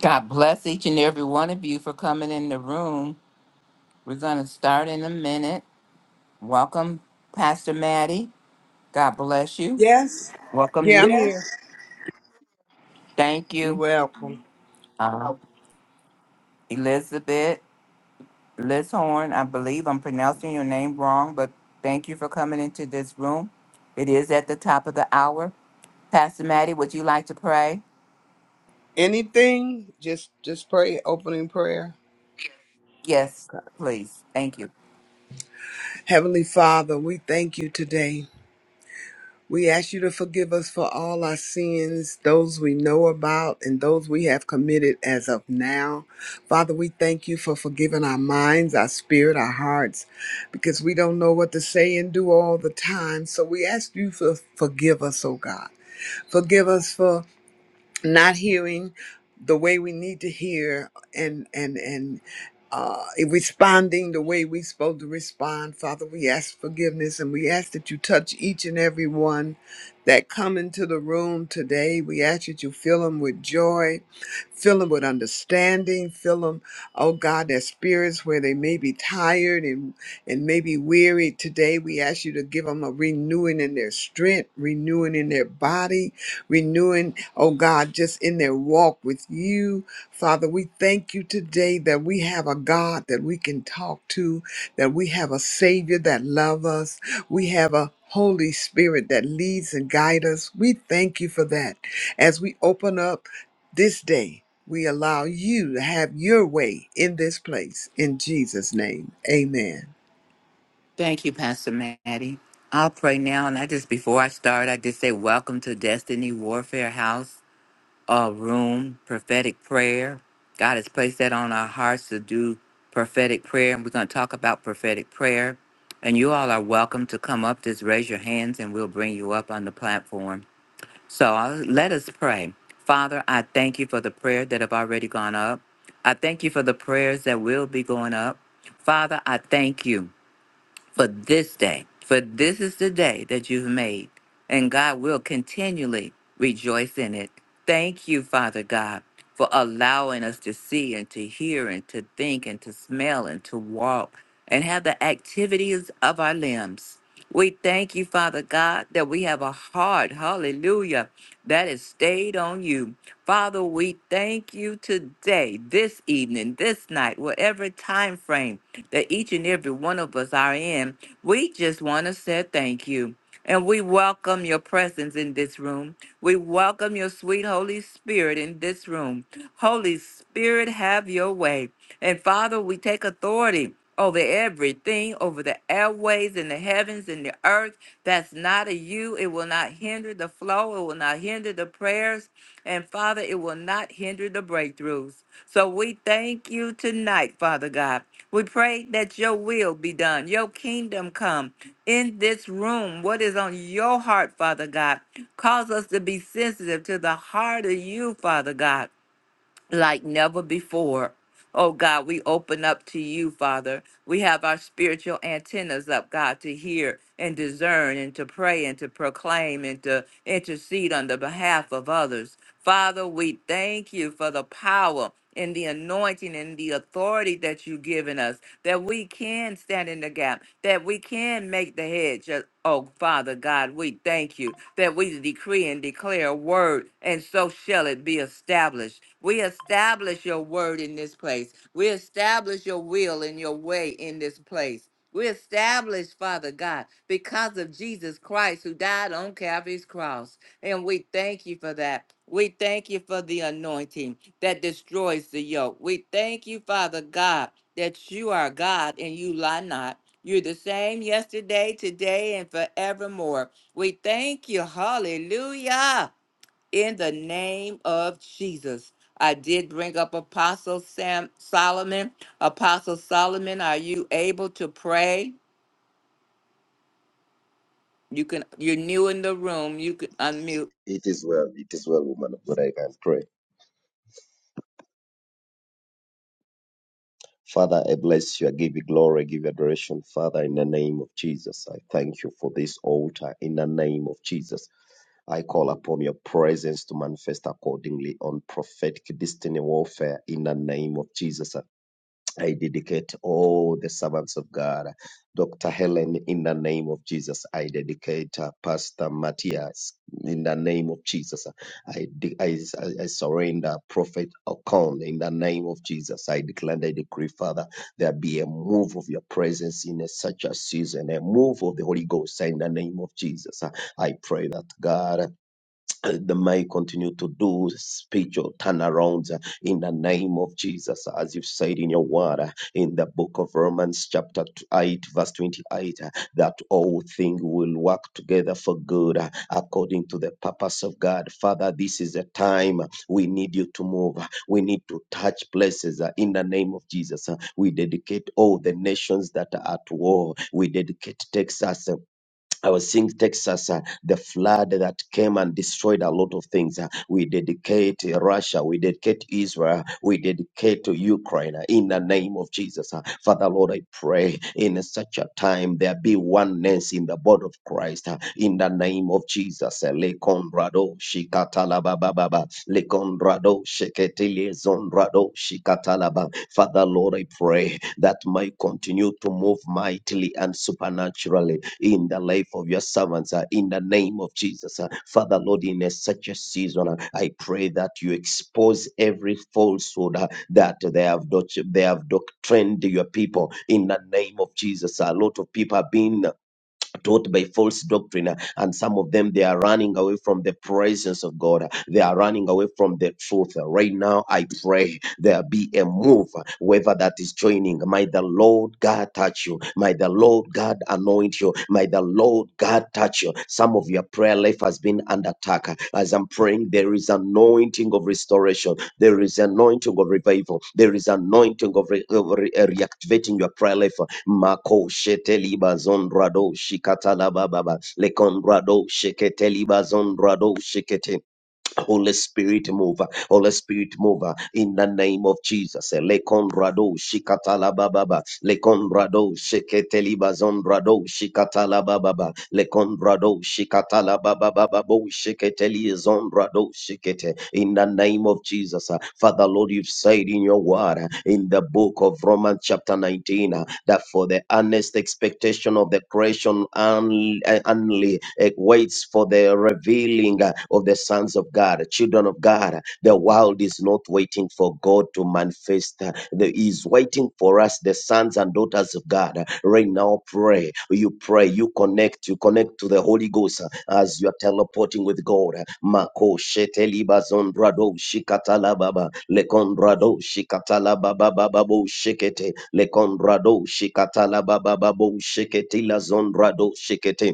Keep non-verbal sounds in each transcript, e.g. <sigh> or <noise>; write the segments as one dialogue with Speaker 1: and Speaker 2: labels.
Speaker 1: God bless each and every one of you for coming in the room. We're going to start in a minute. Welcome, Pastor Maddie. God bless you.
Speaker 2: Yes.
Speaker 1: Welcome you.
Speaker 2: Yeah, I'm
Speaker 1: There.
Speaker 2: here.
Speaker 1: Thank
Speaker 2: You're
Speaker 1: you,
Speaker 2: welcome.
Speaker 1: uh, Elizabeth Liz Horn. I believe I'm pronouncing your name wrong, but thank you for coming into this room. It is at the top of the hour. Pastor Maddie, would you like to pray?
Speaker 2: Anything? Just just pray opening prayer.
Speaker 1: Yes, please. Thank you.
Speaker 2: Heavenly Father, we thank you today. We ask you to forgive us for all our sins, those we know about and those we have committed as of now. Father, we thank you for forgiving our minds, our spirit, our hearts, because we don't know what to say and do all the time. So we ask you for forgive us, oh God. Forgive us for not hearing the way we need to hear and and and uh, responding the way we're supposed to respond father we ask forgiveness and we ask that you touch each and every one that come into the room today we ask that you fill them with joy Fill them with understanding. Fill them, oh God, their spirits where they may be tired and, and may be weary. Today, we ask you to give them a renewing in their strength, renewing in their body, renewing, oh God, just in their walk with you. Father, we thank you today that we have a God that we can talk to, that we have a Savior that loves us. We have a Holy Spirit that leads and guides us. We thank you for that. As we open up this day, we allow you to have your way in this place. In Jesus' name, amen.
Speaker 1: Thank you, Pastor Maddie. I'll pray now. And I just, before I start, I just say, Welcome to Destiny Warfare House, uh, room, prophetic prayer. God has placed that on our hearts to do prophetic prayer. And we're going to talk about prophetic prayer. And you all are welcome to come up. Just raise your hands and we'll bring you up on the platform. So uh, let us pray. Father, I thank you for the prayer that have already gone up. I thank you for the prayers that will be going up. Father, I thank you for this day. For this is the day that you've made, and God will continually rejoice in it. Thank you, Father God, for allowing us to see and to hear and to think and to smell and to walk and have the activities of our limbs. We thank you, Father God, that we have a heart, hallelujah, that is stayed on you. Father, we thank you today, this evening, this night, whatever time frame that each and every one of us are in. We just want to say thank you. And we welcome your presence in this room. We welcome your sweet Holy Spirit in this room. Holy Spirit, have your way. And Father, we take authority over everything, over the airways and the heavens and the earth. That's not of you. It will not hinder the flow. It will not hinder the prayers. And Father, it will not hinder the breakthroughs. So we thank you tonight, Father God. We pray that your will be done, your kingdom come in this room. What is on your heart, Father God? Cause us to be sensitive to the heart of you, Father God, like never before. Oh God, we open up to you, Father. We have our spiritual antennas up, God, to hear and discern and to pray and to proclaim and to intercede on the behalf of others. Father, we thank you for the power and the anointing and the authority that you've given us that we can stand in the gap, that we can make the hedge. of- Oh, Father God, we thank you that we decree and declare a word, and so shall it be established. We establish your word in this place. We establish your will and your way in this place. We establish, Father God, because of Jesus Christ who died on Calvary's cross. And we thank you for that. We thank you for the anointing that destroys the yoke. We thank you, Father God, that you are God and you lie not. You're the same yesterday, today, and forevermore. We thank you. Hallelujah. In the name of Jesus. I did bring up Apostle Sam Solomon. Apostle Solomon, are you able to pray? You can you're new in the room. You can unmute.
Speaker 3: It is well, it is well, woman of God. I can pray. Father, I bless you. I give you glory. I give you adoration. Father, in the name of Jesus, I thank you for this altar. In the name of Jesus, I call upon your presence to manifest accordingly on prophetic destiny warfare. In the name of Jesus. I dedicate all the servants of God. Dr. Helen, in the name of Jesus, I dedicate uh, Pastor Matthias. In the name of Jesus, I, de- I, I surrender Prophet Okon. In the name of Jesus, I declare and I decree, Father, there be a move of your presence in a, such a season, a move of the Holy Ghost. In the name of Jesus, I pray that God uh, may continue to do spiritual turnarounds uh, in the name of Jesus, as you've said in your word uh, in the book of Romans, chapter 8, verse 28, uh, that all things will work together for good uh, according to the purpose of God. Father, this is a time uh, we need you to move, uh, we need to touch places uh, in the name of Jesus. uh, We dedicate all the nations that are at war, we dedicate Texas, uh, I was seeing Texas, uh, the flood that came and destroyed a lot of things. uh, we dedicate uh, Russia, we dedicate Israel, uh, we dedicate to Ukraine uh, in the name of Jesus. uh. Father Lord, I pray in such a time there be oneness in the body of Christ uh, in the name of Jesus. uh, Lekondrado shikatalabababa, Lekondrado sheketelezondrado shikatalaba. Father Lord, I pray that might continue to move mightily and supernaturally in the life of your servants uh, in the name of Jesus. uh. Father, Lord, in a, such a season, uh, I pray that you expose every falsehood uh, that they have doct- they have doctrined your people in the name of Jesus. A lot of people have been taught by false doctrine uh, and some of them they are running away from the presence of god uh, they are running away from the truth Uh, right now i pray there be a move uh, whoever that is joining may the lord god touch you may the lord god anoint you may the lord god touch you some of your prayer life has been under attack Uh, as i'm praying there is anointing of restoration there is anointing of revival there is anointing of, re- of re- uh, reactivating your prayer life Mako sheteliba zondrado shikatalaba baba lekondrado sheketelibazondrado shikete. Holy Spirit move. Holy Spirit, move uh, in the name of Jesus. Lekon rado shikatala bababa. Lekon rado shiketeli bazon rado shikatala bababa. Lekondrado shikatalabababa. Lekondrado shiketelibazondrado shikatalabababa. Lekondrado shikatalababababo shiketelizondrado shikete. In the name of Jesus. uh, Father, Lord, you've said in your word uh, in the book of Romans chapter 19 uh, that for the earnest expectation of the creation only waits for the revealing uh, of the sons of God, children of God. The world is not waiting for God to manifest. He is waiting for us, the sons and daughters of God. Right now, pray. You pray. You connect. You connect to the Holy Ghost as you are teleporting with God. Mako sheteli bazondrado shikatala baba lekondrado shikatala baba babo shikete lekondrado shikatala baba babo shiketi lazondrado shikete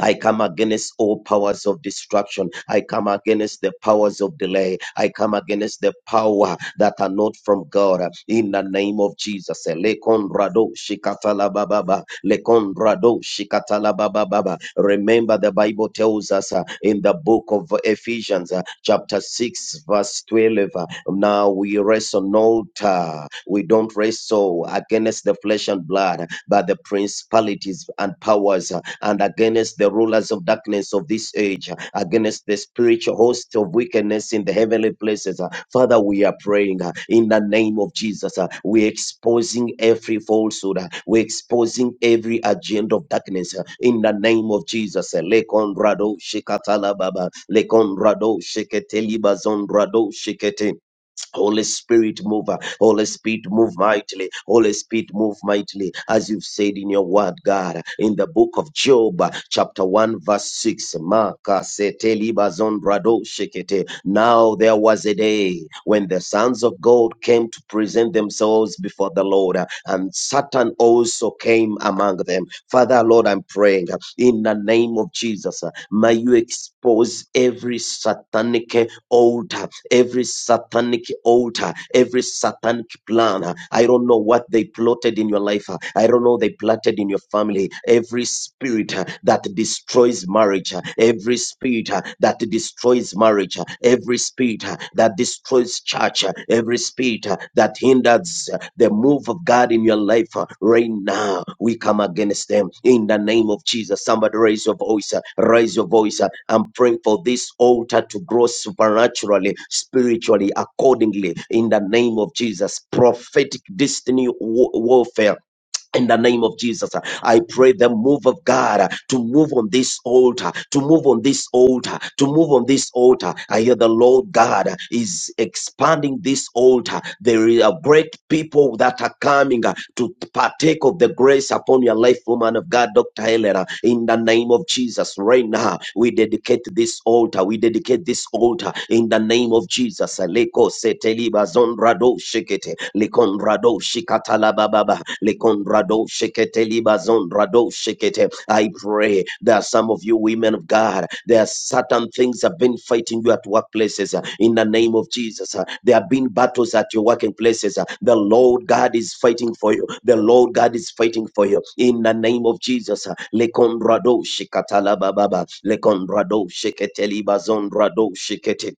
Speaker 3: I come against all powers of destruction. I come against the powers of delay. I come against the power that are not from God. In the name of Jesus. Lekondrado shikatala bababa. Lekondrado shikatala bababa. Remember, the Bible tells us uh, in the book of Ephesians, uh, chapter 6, verse 12. uh, Now we wrestle not, uh, we don't wrestle against the flesh and blood, but the principalities and powers uh, and against the rulers of darkness of this age, against the spiritual host of wickedness in the heavenly places. Father, we are praying uh, in the name of Jesus. uh, We're exposing every falsehood. uh, We're exposing every agenda of darkness uh, in the name of Jesus. uh, Lekondrado shikatala baba, lekondrado shiketeli bazondrado shikete. Holy Spirit, move. Holy Spirit, move mightily. Holy Spirit, move mightily. As you've said in your word, God, in the book of Job, chapter 1, verse 6. Maka sete liba zondrado shekete. Now there was a day when the sons of God came to present themselves before the Lord, and Satan also came among them. Father, Lord, I'm praying in the name of Jesus. May you expose every satanic altar every satanic altar, every satanic plan. uh, I don't know what they plotted in your life. uh, I don't know they plotted in your family. Every spirit uh, that destroys marriage, uh, every spirit uh, that destroys marriage, uh, every spirit uh, that destroys church, uh, every spirit uh, that that hinders the move of God in your life uh, right now. We come against them in the name of Jesus. Somebody raise your voice, uh, raise your voice. uh, I'm praying for this altar to grow supernaturally, spiritually, accordingly in the name of Jesus. Prophetic destiny wa- warfare in the name of Jesus, uh, I pray the move of God uh, to move on this altar, to move on this altar, to move on this altar. I hear the Lord God uh, is expanding this altar. There are great people that are coming uh, to partake of the grace upon your life, woman of God, Dr. Helena. In the name of Jesus, right now, we dedicate this altar. We dedicate this altar in the name of Jesus. Aleko seteliba zondrado shekete. Likondrado shikatala bababa. Likondrado shikete libazondrado shikete. I pray there are some of you women of God. There are certain things have been fighting you at workplaces uh, in the name of Jesus. uh, There have been battles at your working places. uh, The Lord God is fighting for you. The Lord God is fighting for you in the name of Jesus. uh, Likondrado shikatala bababa. Likondrado shikete libazondrado shikete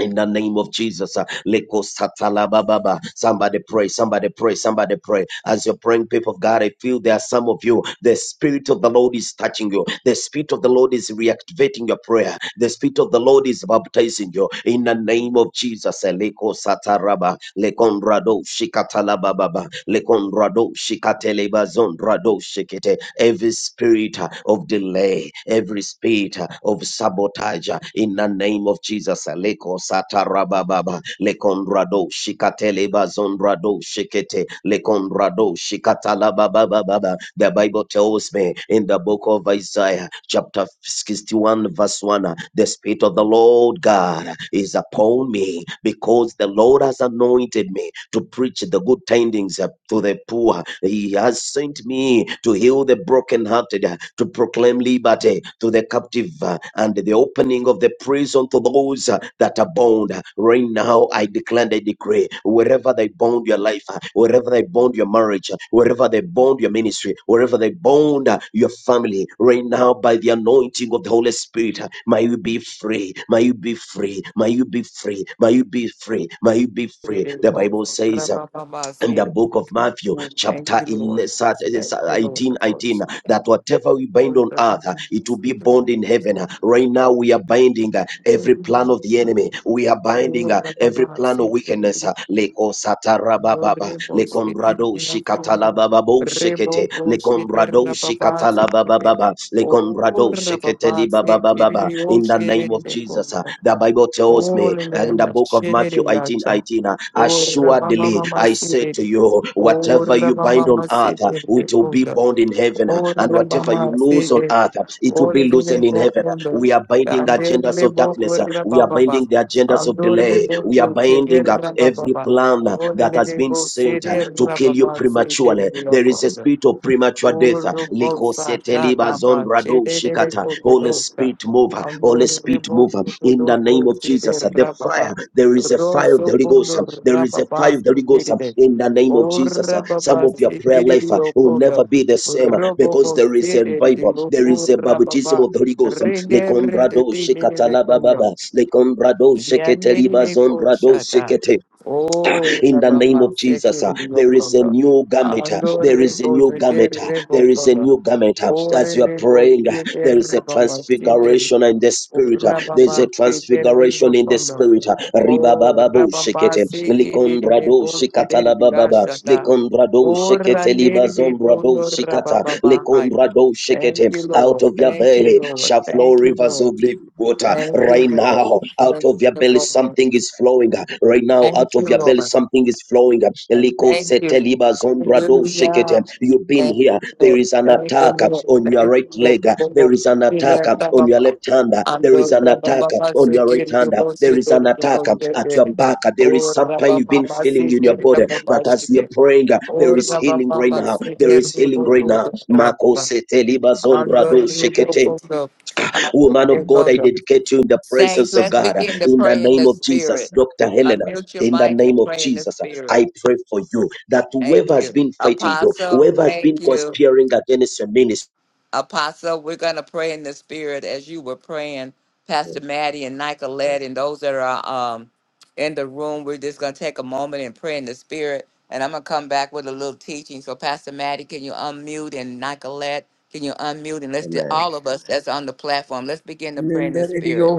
Speaker 3: in the name of Jesus. uh, Leko satala bababa. Somebody pray, somebody pray, somebody pray. As you're praying, people of God, I feel there are some of you. The Spirit of the Lord is touching you. The Spirit of the Lord is reactivating your prayer. The Spirit of the Lord is baptizing you. In the name of Jesus. uh, Leko sataraba. Lekondrado shikatala bababa. Lekondrado shikatele shikete spirit, eh, every spirit uh, of delay, every spirit uh, of sabotage uh, in the name of Jesus. uh, Leko satarababa, lekondrado, shikateleba zondrado, shikete, lekondrado, shikatalababababa. The Bible tells me in the book of Isaiah, chapter 61, verse 1, uh, the spirit of the Lord God is upon me because the Lord has anointed me to preach the good tidings uh, to the poor. He has sent me to heal the brokenhearted, uh, to proclaim liberty to the captive, uh, and the opening of the prison to those uh, that are bound. Right now, I declare and I decree wherever thy bound your life, uh, wherever they bound your marriage, uh, wherever they bound your ministry, wherever they bound uh, your family, right now by the anointing of the Holy Spirit, uh, may you be free, may you be free, may you be free, may you be free, may you be free.
Speaker 1: Thank you,
Speaker 3: The Bible says. uh, in the book of Matthew, chapter
Speaker 1: Lord.
Speaker 3: 11,
Speaker 1: Thank you,
Speaker 3: 18,
Speaker 1: Lord.
Speaker 3: 18, that whatever we bind on
Speaker 1: Ora
Speaker 3: earth, uh, it will be bound in heaven. Uh, Right now, we are binding uh, every plan of the enemy. We are binding uh, every
Speaker 1: papà,
Speaker 3: plan
Speaker 1: se
Speaker 3: of wickedness. uh, Leko satarabababa, lekondrado shikatalabababo shekete, lekondrado shikatalabababa, lekondrado Gombrado Sheketeli Baba Baba Baba. In the name of Jesus, uh,
Speaker 1: Oh,
Speaker 3: the Bible
Speaker 1: Oh,
Speaker 3: tells me uh, in the book of Matthew 18 18, uh, assuredly I say to you, whatever you bind on earth, uh, it will be bound in heaven, uh, and whatever you lose on earth, uh, it will be loosened in heaven. We are binding agendas of darkness. uh, We are binding the agendas of delay. We are binding up every plan uh, that has been sent uh, to kill you prematurely. There is a spirit of premature death. uh,
Speaker 1: Urubosa
Speaker 3: Likoseteliba
Speaker 1: Kadamba
Speaker 3: zondrado
Speaker 1: Chede
Speaker 3: shikata. Holy
Speaker 1: Kotodoka
Speaker 3: Spirit mover. Holy Spirit mover. In the name
Speaker 1: Anduribokudo
Speaker 3: of
Speaker 1: Sidi
Speaker 3: Jesus. uh, The fire,
Speaker 1: Rababa
Speaker 3: there is a fire of the
Speaker 1: Rosso
Speaker 3: Holy Ghost. uh,
Speaker 1: Bundo
Speaker 3: There is a
Speaker 1: Rababa
Speaker 3: fire of the Holy Ghost uh,
Speaker 1: Sikiride
Speaker 3: in the name of Jesus. uh, Some
Speaker 1: Urababa
Speaker 3: of your prayer
Speaker 1: Sikiri
Speaker 3: life uh, will
Speaker 1: Okola
Speaker 3: never be the same uh, because
Speaker 1: Robobo
Speaker 3: there is a
Speaker 1: Sidi
Speaker 3: revival. There
Speaker 1: Loku
Speaker 3: is a baptism
Speaker 1: Rababa
Speaker 3: of the Holy Ghost. um,
Speaker 1: Rinde Rinde
Speaker 3: Lekombrado
Speaker 1: Tini Kondo
Speaker 3: shekatalababa, lekombrado sheketeliba
Speaker 1: Yandere
Speaker 3: zondrado
Speaker 1: Poshata.
Speaker 3: shekete. Ah,
Speaker 1: Oh,
Speaker 3: in the name
Speaker 1: Rabama,
Speaker 3: of Jesus. ah,
Speaker 1: Security
Speaker 3: There is a
Speaker 1: Yokondo.
Speaker 3: new garment. ah, There
Speaker 1: Andore
Speaker 3: is a new
Speaker 1: Bosite
Speaker 3: garment. ah, There is a
Speaker 1: Rebokondo.
Speaker 3: new garment. ah, As
Speaker 1: Ore
Speaker 3: you are praying, uh,
Speaker 1: Rebosite
Speaker 3: there is a
Speaker 1: Rabama, Siteri.
Speaker 3: transfiguration in the
Speaker 1: Oh,
Speaker 3: spirit. uh, There is a
Speaker 1: Rabama, Security
Speaker 3: transfiguration in the
Speaker 1: Rebokondo.
Speaker 3: spirit. uh,
Speaker 1: Oh,
Speaker 3: Ribababo
Speaker 1: Rabama,
Speaker 3: shekete.
Speaker 1: Security
Speaker 3: Likondrado
Speaker 1: Rebosite
Speaker 3: shikatala bababa.
Speaker 1: Rigashata.
Speaker 3: Likondrado
Speaker 1: Oh,
Speaker 3: shekete
Speaker 1: Randere
Speaker 3: libazondrado
Speaker 1: Rebokondo
Speaker 3: shikata.
Speaker 1: Rababa Hai.
Speaker 3: Likondrado
Speaker 1: Thank
Speaker 3: shekete.
Speaker 1: you,
Speaker 3: Out
Speaker 1: Lord.
Speaker 3: of your
Speaker 1: Thank you,
Speaker 3: belly
Speaker 1: Lord.
Speaker 3: shall flow
Speaker 1: Thank you,
Speaker 3: rivers
Speaker 1: Lord.
Speaker 3: of living water.
Speaker 1: Thank you,
Speaker 3: Right
Speaker 1: Lord.
Speaker 3: now, out
Speaker 1: Thank
Speaker 3: of your
Speaker 1: you,
Speaker 3: belly
Speaker 1: Lord.
Speaker 3: something is flowing. Right now, out
Speaker 1: Thank you,
Speaker 3: of your belly
Speaker 1: Lord.
Speaker 3: something something is flowing.
Speaker 1: And
Speaker 3: Liko
Speaker 1: thank you.
Speaker 3: seteliba zombrado shekete.
Speaker 1: Hallelujah.
Speaker 3: You've been
Speaker 1: Thank
Speaker 3: here.
Speaker 1: you,
Speaker 3: There
Speaker 1: Lord.
Speaker 3: is an
Speaker 1: Thank you,
Speaker 3: attack
Speaker 1: Lord.
Speaker 3: on your
Speaker 1: Thank
Speaker 3: right
Speaker 1: you, Lord.
Speaker 3: leg. There is an
Speaker 1: Thank you, Lord.
Speaker 3: attack on your left
Speaker 1: Hallelujah.
Speaker 3: hand. There
Speaker 1: Ando
Speaker 3: is an
Speaker 1: raba
Speaker 3: attack
Speaker 1: mama
Speaker 3: on
Speaker 1: se
Speaker 3: your right
Speaker 1: you, yo
Speaker 3: hand.
Speaker 1: bo
Speaker 3: There
Speaker 1: se
Speaker 3: is an
Speaker 1: dori yo
Speaker 3: attack
Speaker 1: bo se
Speaker 3: at your
Speaker 1: dori.
Speaker 3: back. There is
Speaker 1: O
Speaker 3: some pain
Speaker 1: raba
Speaker 3: you've been
Speaker 1: mama
Speaker 3: feeling
Speaker 1: se
Speaker 3: in your
Speaker 1: kiri yo
Speaker 3: body.
Speaker 1: bo ba
Speaker 3: But
Speaker 1: se
Speaker 3: as we are
Speaker 1: dori.
Speaker 3: praying, there
Speaker 1: O
Speaker 3: is
Speaker 1: raba
Speaker 3: healing right
Speaker 1: mama
Speaker 3: now.
Speaker 1: se
Speaker 3: There
Speaker 1: kiri
Speaker 3: is
Speaker 1: yo
Speaker 3: healing
Speaker 1: bo
Speaker 3: right
Speaker 1: bo
Speaker 3: now.
Speaker 1: do
Speaker 3: Mako
Speaker 1: raba.
Speaker 3: seteliba
Speaker 1: Ando
Speaker 3: zondrado
Speaker 1: ribo
Speaker 3: shekete.
Speaker 1: kondo. Ando
Speaker 3: Woman of
Speaker 1: ribo
Speaker 3: God, I
Speaker 1: kondo.
Speaker 3: dedicate you in the
Speaker 1: Saints,
Speaker 3: presence of
Speaker 1: let's
Speaker 3: God.
Speaker 1: begin to
Speaker 3: In the
Speaker 1: pray in
Speaker 3: name
Speaker 1: the
Speaker 3: of Jesus,
Speaker 1: spirit.
Speaker 3: Dr. Helena,
Speaker 1: Unmute your
Speaker 3: in the
Speaker 1: mic
Speaker 3: name
Speaker 1: and
Speaker 3: of
Speaker 1: pray in the
Speaker 3: Jesus, I
Speaker 1: spirit.
Speaker 3: pray for you that
Speaker 1: Thank
Speaker 3: whoever has
Speaker 1: you.
Speaker 3: been fighting you,
Speaker 1: Apostle,
Speaker 3: whoever has been
Speaker 1: thank you.
Speaker 3: conspiring against your ministry,
Speaker 1: Apostle, we're going to pray in the spirit as you were praying. Pastor Maddie and Nicolette and those that are um, in the room, we're just going to take a moment and pray in the spirit. And I'm going to come back with a little teaching. So, Pastor Maddie, can you unmute? And Nicolette, can you unmute? And let's do
Speaker 3: Amen.
Speaker 1: all of us that's on the platform, let's begin to pray in the spirit.
Speaker 2: Nendereyo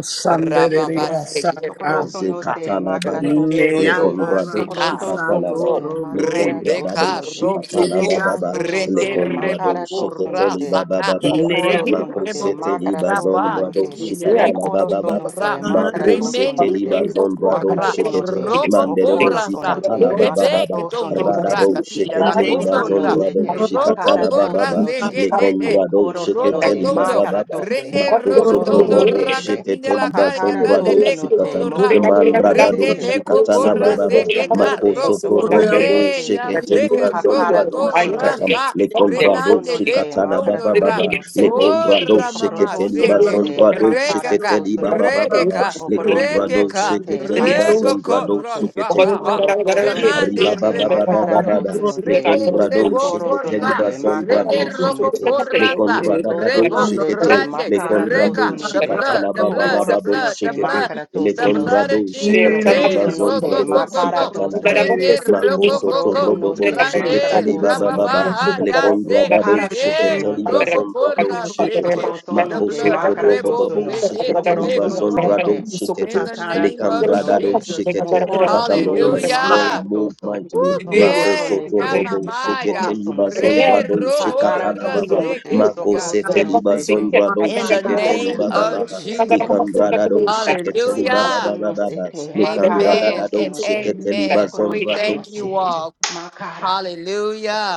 Speaker 4: Sure.
Speaker 2: sandereya
Speaker 1: Rababaseke,
Speaker 2: saka.
Speaker 1: roba,
Speaker 4: Tokoroso no se
Speaker 3: Zekatalababa,
Speaker 4: makarato no
Speaker 1: renge,
Speaker 4: te.
Speaker 1: robo,
Speaker 2: Ineanda
Speaker 3: Lekondrado
Speaker 1: sika,
Speaker 4: Tokoroto
Speaker 2: ramasa
Speaker 4: no
Speaker 3: Shikatalaba,
Speaker 1: roso.
Speaker 4: se
Speaker 2: toro mo.
Speaker 4: makarato
Speaker 3: Lekondradado
Speaker 1: Rebecca
Speaker 4: no te.
Speaker 1: Rosoko,
Speaker 3: Shikatalababa,
Speaker 4: Sokoroso no
Speaker 1: Rende
Speaker 4: se
Speaker 3: Lekondrado
Speaker 1: Reboko
Speaker 4: makarato no
Speaker 3: Shiketeli
Speaker 4: te.
Speaker 3: Baba
Speaker 1: Rasaka,
Speaker 3: Baba,
Speaker 2: ineya.
Speaker 4: Pokoro
Speaker 1: Rende
Speaker 4: no
Speaker 3: Mako
Speaker 4: te
Speaker 1: Reboko
Speaker 3: Seteli
Speaker 4: makarato
Speaker 1: Raba,
Speaker 4: no
Speaker 3: Bazondrado
Speaker 4: te.
Speaker 1: Tekin Leko
Speaker 3: Shikatalababa
Speaker 4: Mokoro no
Speaker 3: Baba.
Speaker 1: Tundura,
Speaker 4: te
Speaker 2: Sana
Speaker 3: Mako
Speaker 4: makarato no
Speaker 2: ramasa
Speaker 1: Remende
Speaker 3: seteli
Speaker 4: se.
Speaker 2: tera
Speaker 1: Leko
Speaker 3: bazondrado
Speaker 1: Korra,
Speaker 4: Makaraso no
Speaker 3: shikete
Speaker 4: te.
Speaker 1: Roko
Speaker 3: manderebo
Speaker 4: Mokoro
Speaker 1: Korasa,
Speaker 4: no
Speaker 3: zikatala
Speaker 4: te
Speaker 3: baba baba
Speaker 1: Rebeke
Speaker 4: makarato no se.
Speaker 1: Tundura,
Speaker 3: radabo
Speaker 1: Katinda La
Speaker 3: shiketeli
Speaker 4: Tokoroso
Speaker 2: Ineya
Speaker 4: no
Speaker 1: Kondora,
Speaker 4: se
Speaker 3: bazondrado
Speaker 4: te
Speaker 2: toro
Speaker 1: Roko
Speaker 3: shikatala
Speaker 2: mosa
Speaker 4: pakarato
Speaker 3: baba
Speaker 1: Korra
Speaker 3: baba
Speaker 4: no te.
Speaker 2: tera
Speaker 1: Sekete,
Speaker 5: Thank
Speaker 3: lekondrado
Speaker 4: Mokoro no
Speaker 1: Roto
Speaker 4: te
Speaker 3: shiketeli baba
Speaker 1: Tondo,
Speaker 3: baba
Speaker 4: makarato
Speaker 1: Rende Roto
Speaker 3: Makosoto
Speaker 4: Sokoroso
Speaker 1: Tondo
Speaker 2: romosa.
Speaker 4: no
Speaker 3: robo
Speaker 4: te se.
Speaker 1: Rakatinda
Speaker 3: sheketeli
Speaker 1: La Kaya
Speaker 4: Hakara
Speaker 1: Tande
Speaker 3: bazondrado
Speaker 4: toso no
Speaker 1: Leko
Speaker 3: shikata
Speaker 4: te,
Speaker 1: Tundura,
Speaker 4: mokoroso no
Speaker 3: mandradado
Speaker 4: se
Speaker 1: Rende
Speaker 4: te,
Speaker 1: Leko
Speaker 3: shikata la
Speaker 1: Korra
Speaker 4: makara
Speaker 3: bababa
Speaker 4: toso no se,
Speaker 1: Sekeka
Speaker 3: makosoto
Speaker 2: Gloria
Speaker 4: sokoroso no
Speaker 3: robobo
Speaker 1: Re
Speaker 4: se
Speaker 1: ya
Speaker 4: te,
Speaker 2: Maria,
Speaker 3: sheketeli
Speaker 1: se que
Speaker 2: Dios Santa
Speaker 1: roto
Speaker 4: hakara
Speaker 3: bazondrado
Speaker 1: to
Speaker 4: toso no
Speaker 3: shikata
Speaker 2: María,
Speaker 4: te,
Speaker 1: raza
Speaker 4: mokoroso
Speaker 3: lekondrado
Speaker 1: remande
Speaker 4: no
Speaker 5: you.
Speaker 1: le
Speaker 4: te,
Speaker 3: shikata la
Speaker 4: makara
Speaker 1: cotondo ra
Speaker 2: Dios
Speaker 4: toso
Speaker 3: bababa
Speaker 4: no se te,
Speaker 3: lekondrado
Speaker 1: ora mamá
Speaker 3: sheketeli
Speaker 4: tokorotoso
Speaker 1: se
Speaker 4: no
Speaker 2: Santa
Speaker 1: que
Speaker 4: se,
Speaker 2: María,
Speaker 3: bazondrado
Speaker 4: makara
Speaker 2: Dios
Speaker 1: recaca
Speaker 3: sheketeli
Speaker 4: toso no te,
Speaker 3: bababa
Speaker 2: Santa
Speaker 1: requeca
Speaker 4: mokoroso
Speaker 2: María,
Speaker 3: lekondrado
Speaker 4: no se
Speaker 1: requeca
Speaker 4: te,
Speaker 2: y
Speaker 3: sheketeli
Speaker 4: pakara
Speaker 2: Dios
Speaker 4: toso
Speaker 1: recoco
Speaker 3: bazondrado
Speaker 4: no te,
Speaker 2: Santo,
Speaker 3: shekete
Speaker 1: rosaca
Speaker 2: por la
Speaker 4: mokorotoso no se
Speaker 1: remande
Speaker 4: te, makara
Speaker 1: recotondo
Speaker 2: gracia,
Speaker 3: ribabababababa
Speaker 2: por
Speaker 4: toso no
Speaker 2: la
Speaker 4: te,
Speaker 1: Rende
Speaker 3: lekondrado
Speaker 1: rebo
Speaker 2: misericordia,
Speaker 4: sokoroso
Speaker 3: shekete
Speaker 4: no
Speaker 1: corra,
Speaker 4: te, makara
Speaker 1: rende
Speaker 3: libazondrado
Speaker 4: toso no
Speaker 1: roco
Speaker 3: shekete
Speaker 4: te,
Speaker 1: corrasa,
Speaker 2: Gloria
Speaker 4: mokorotoso
Speaker 3: lekondradadado
Speaker 4: no
Speaker 1: rebo
Speaker 2: Santo,
Speaker 4: se
Speaker 3: shekete
Speaker 4: te,
Speaker 2: por
Speaker 1: rande
Speaker 2: la
Speaker 4: makara
Speaker 2: gracia,
Speaker 3: lekondrado
Speaker 4: toso
Speaker 1: reca.
Speaker 4: no
Speaker 1: The
Speaker 4: te,
Speaker 1: blood,
Speaker 2: por
Speaker 1: the
Speaker 2: la misericordia, por
Speaker 1: blood, the
Speaker 3: shikatalababababo
Speaker 4: Kokoroso no
Speaker 1: blood, the
Speaker 4: te
Speaker 3: shekete
Speaker 1: blood,
Speaker 4: makara
Speaker 1: the
Speaker 4: toso no
Speaker 1: blood
Speaker 3: lekondrado
Speaker 4: se.
Speaker 1: of Jesus.
Speaker 3: shekete
Speaker 2: la
Speaker 4: Sokoroso
Speaker 1: There,
Speaker 2: misericordia,
Speaker 4: no te
Speaker 1: roco
Speaker 3: libazondrado
Speaker 1: coco
Speaker 4: makara
Speaker 1: coco,
Speaker 4: toso no
Speaker 3: shikatalababa
Speaker 1: rende
Speaker 4: te.
Speaker 1: roco
Speaker 4: Sokoroso
Speaker 1: coco,
Speaker 4: no
Speaker 3: makosotorobobo
Speaker 4: se
Speaker 3: shekete
Speaker 4: makara
Speaker 1: rande
Speaker 4: toso no
Speaker 3: libabababa
Speaker 4: te.
Speaker 1: rababa ya se,
Speaker 3: lekondradado
Speaker 4: Pokara toso
Speaker 1: eh
Speaker 3: shekete
Speaker 4: no te.
Speaker 1: roco
Speaker 3: libazondrado
Speaker 1: corra se
Speaker 3: shekete
Speaker 1: que.
Speaker 4: Sokoroso
Speaker 1: The
Speaker 4: no te
Speaker 1: blood rebo
Speaker 4: makaratoso
Speaker 3: makosotorobobo
Speaker 4: no.
Speaker 1: se que
Speaker 3: shekete
Speaker 1: de
Speaker 4: Sokoroso
Speaker 1: lejos,
Speaker 4: no se
Speaker 3: libazondrado
Speaker 1: tono.
Speaker 4: te
Speaker 3: shekete
Speaker 1: In the name of
Speaker 4: kakaratoso no
Speaker 3: Likandradado
Speaker 4: te.
Speaker 1: Jesus,
Speaker 3: Shikete.
Speaker 2: Gloria, gloria, gloria,
Speaker 3: Father
Speaker 4: Mokoroso
Speaker 2: gloria,
Speaker 4: no
Speaker 3: Lord, I
Speaker 4: te
Speaker 2: Dios.
Speaker 3: pray,
Speaker 1: Hallelujah.
Speaker 3: move
Speaker 4: makaratoso.
Speaker 3: mightily.
Speaker 1: Woo,
Speaker 3: Mako
Speaker 4: Sokoroso
Speaker 1: Yeah,
Speaker 4: no
Speaker 3: Soto
Speaker 4: te.
Speaker 3: Robo Shikete
Speaker 1: Yamamaya.
Speaker 4: Tokoroso no
Speaker 3: Libazon
Speaker 4: te.
Speaker 1: Re
Speaker 3: Brado
Speaker 1: roho
Speaker 3: Shikatana
Speaker 4: Pakaratoso
Speaker 3: Baba.
Speaker 4: no
Speaker 1: rase
Speaker 4: te.
Speaker 3: Mako
Speaker 4: Sokoroso
Speaker 3: Sete
Speaker 1: kiriyasha.
Speaker 4: no se
Speaker 3: Libazon
Speaker 4: te.
Speaker 3: Brado
Speaker 1: In the
Speaker 3: Shikete
Speaker 1: name
Speaker 4: Makaratoso
Speaker 3: Libaba
Speaker 4: no
Speaker 1: of
Speaker 3: Baba.
Speaker 4: te.
Speaker 1: Jesus.
Speaker 4: Sokoroso no
Speaker 3: Likandradado
Speaker 4: te.
Speaker 3: Shikete
Speaker 5: Thank
Speaker 3: Libaba
Speaker 4: Mokoroso
Speaker 1: Hallelujah.
Speaker 3: Baba
Speaker 4: no se
Speaker 3: Baba.
Speaker 4: te.
Speaker 5: we don't do
Speaker 1: Amen
Speaker 4: Makaratoso
Speaker 3: Likandradado
Speaker 1: and
Speaker 4: no te.
Speaker 3: Shikete
Speaker 1: amen.
Speaker 3: Libazon
Speaker 1: We
Speaker 4: Sokoroso
Speaker 5: that.
Speaker 3: Brado
Speaker 4: no
Speaker 1: thank you
Speaker 4: te.
Speaker 3: Shikete.
Speaker 1: all.
Speaker 4: Makara.
Speaker 1: Hallelujah.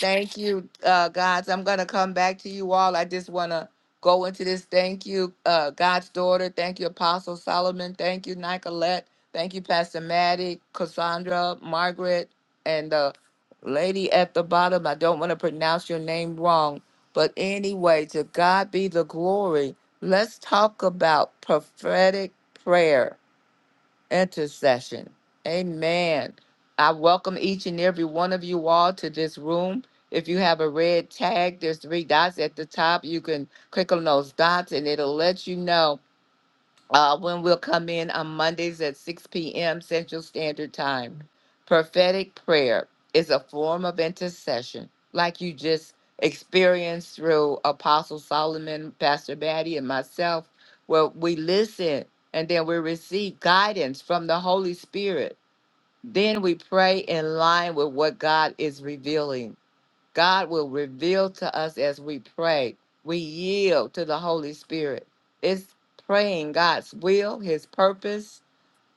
Speaker 1: Thank you, uh, Gods. I'm going to come back to you all. I just want to go into this. Thank you, uh, God's daughter. Thank you, Apostle Solomon. Thank you, Nicolette. Thank you, Pastor Maddie, Cassandra, Margaret, and the lady at the bottom. I don't want to pronounce your name wrong. But anyway, to God be the glory. Let's talk about prophetic prayer intercession. Amen. I welcome each and every one of you all to this room. If you have a red tag, there's three dots at the top. You can click on those dots and it'll let you know uh, when we'll come in on Mondays at 6 p.m. Central Standard Time. Prophetic prayer is a form of intercession, like you just experienced through Apostle Solomon, Pastor Batty, and myself, where we listen and then we receive guidance from the Holy Spirit. Then we pray in line with what God is revealing. God will reveal to us as we pray. We yield to the Holy Spirit. It's praying God's will, His purpose,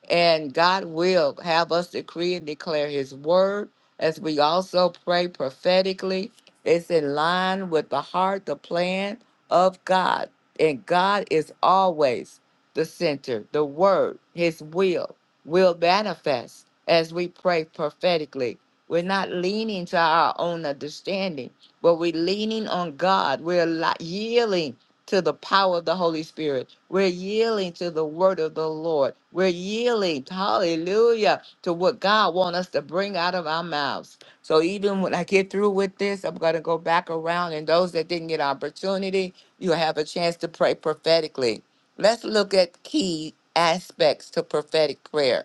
Speaker 1: and God will have us decree and declare his word as we also pray prophetically. It's in line with the heart, the plan of God. And God is always the center, the word, his will will manifest as we pray prophetically. We're not leaning to our own understanding, but we're leaning on God. We're li- yielding to the power of the Holy Spirit. We're yielding to the word of the Lord. We're yielding, hallelujah, to what God wants us to bring out of our mouths. So even when I get through with this, I'm going to go back around. And those that didn't get opportunity, you'll have a chance to pray prophetically. Let's look at key aspects to prophetic prayer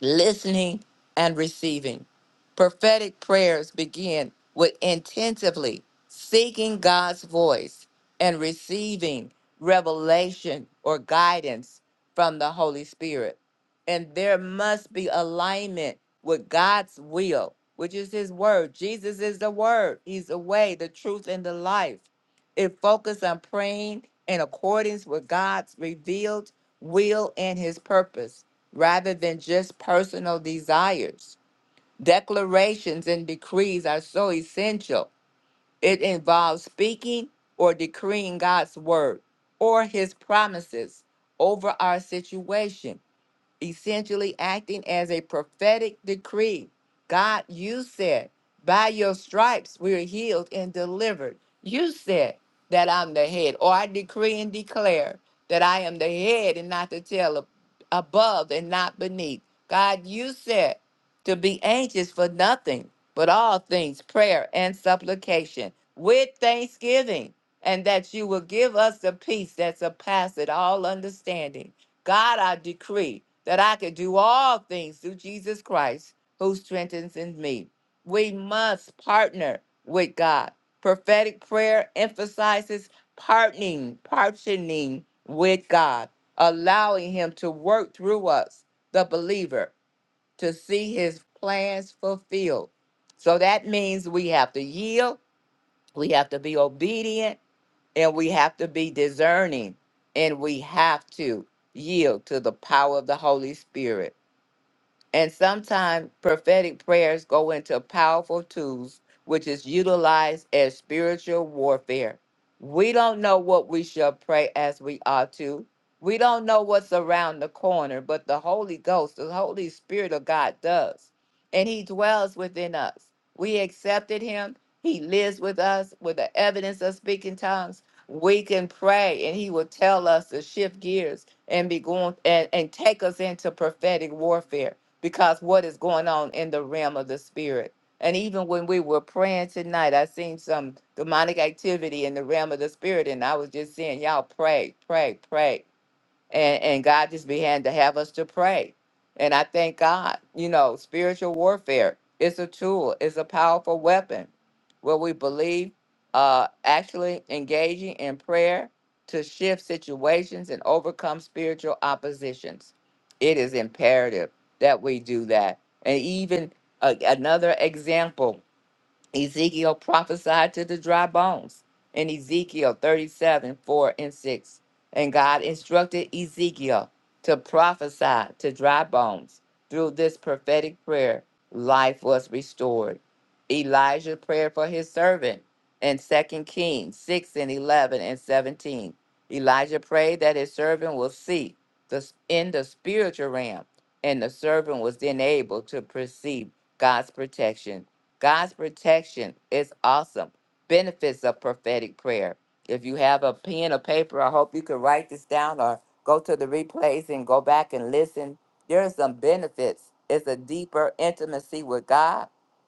Speaker 1: listening and receiving. Prophetic prayers begin with intensively seeking God's voice and receiving revelation or guidance from the Holy Spirit. And there must be alignment with God's will, which is His Word. Jesus is the Word, He's the way, the truth, and the life. It focuses on praying in accordance with God's revealed will and His purpose rather than just personal desires Declarations and decrees are so essential. It involves speaking or decreeing God's word or his promises over our situation essentially acting as a prophetic decree. God, you said, by your stripes we're healed and delivered. You said that I'm the head, or I decree and declare that I am the head and not the tail, ab- above and not beneath. God, you said to be anxious for nothing, but all things, prayer and supplication with thanksgiving, and that you will give us the peace that surpasses all understanding. God, I decree that I can do all things through Jesus Christ who strengthens in me. We must partner with God. Prophetic prayer emphasizes partnering, partnering with God, allowing Him to work through us, the believer, to see His plans fulfilled. So that means we have to yield, we have to be obedient, and we have to be discerning and we have to yield to the power of the Holy Spirit and sometimes prophetic prayers go into powerful tools, which is utilized as spiritual warfare. We don't know what we shall pray as we ought to. We don't know what's around the corner, but the Holy Ghost, the Holy Spirit of God does. And He dwells within us. We accepted Him. He lives with us with the evidence of speaking tongues. We can pray and He will tell us to shift gears and be going and, and take us into prophetic warfare because what is going on in the realm of the spirit. And even when we were praying tonight, I seen some demonic activity in the realm of the spirit, and I was just saying, y'all pray, pray, pray and and God just began to have us to pray. And I thank God, you know, spiritual warfare is a tool, it's a powerful weapon where we believe uh actually engaging in prayer to shift situations and overcome spiritual oppositions. It is imperative that we do that. And even uh, another example Ezekiel prophesied to the dry bones in Ezekiel 37 4 and 6. And God instructed Ezekiel to prophesy to dry bones. Through this prophetic prayer, life was restored. Elijah prayed for his servant in Second Kings 6 and 11 and 17. Elijah prayed that his servant will see the, in the spiritual realm, and the servant was then able to perceive God's protection. God's protection is awesome. Benefits of prophetic prayer. If you have a pen or paper, I hope you can write this down or go to the replays and go back and listen. There are some benefits. It's a deeper intimacy with God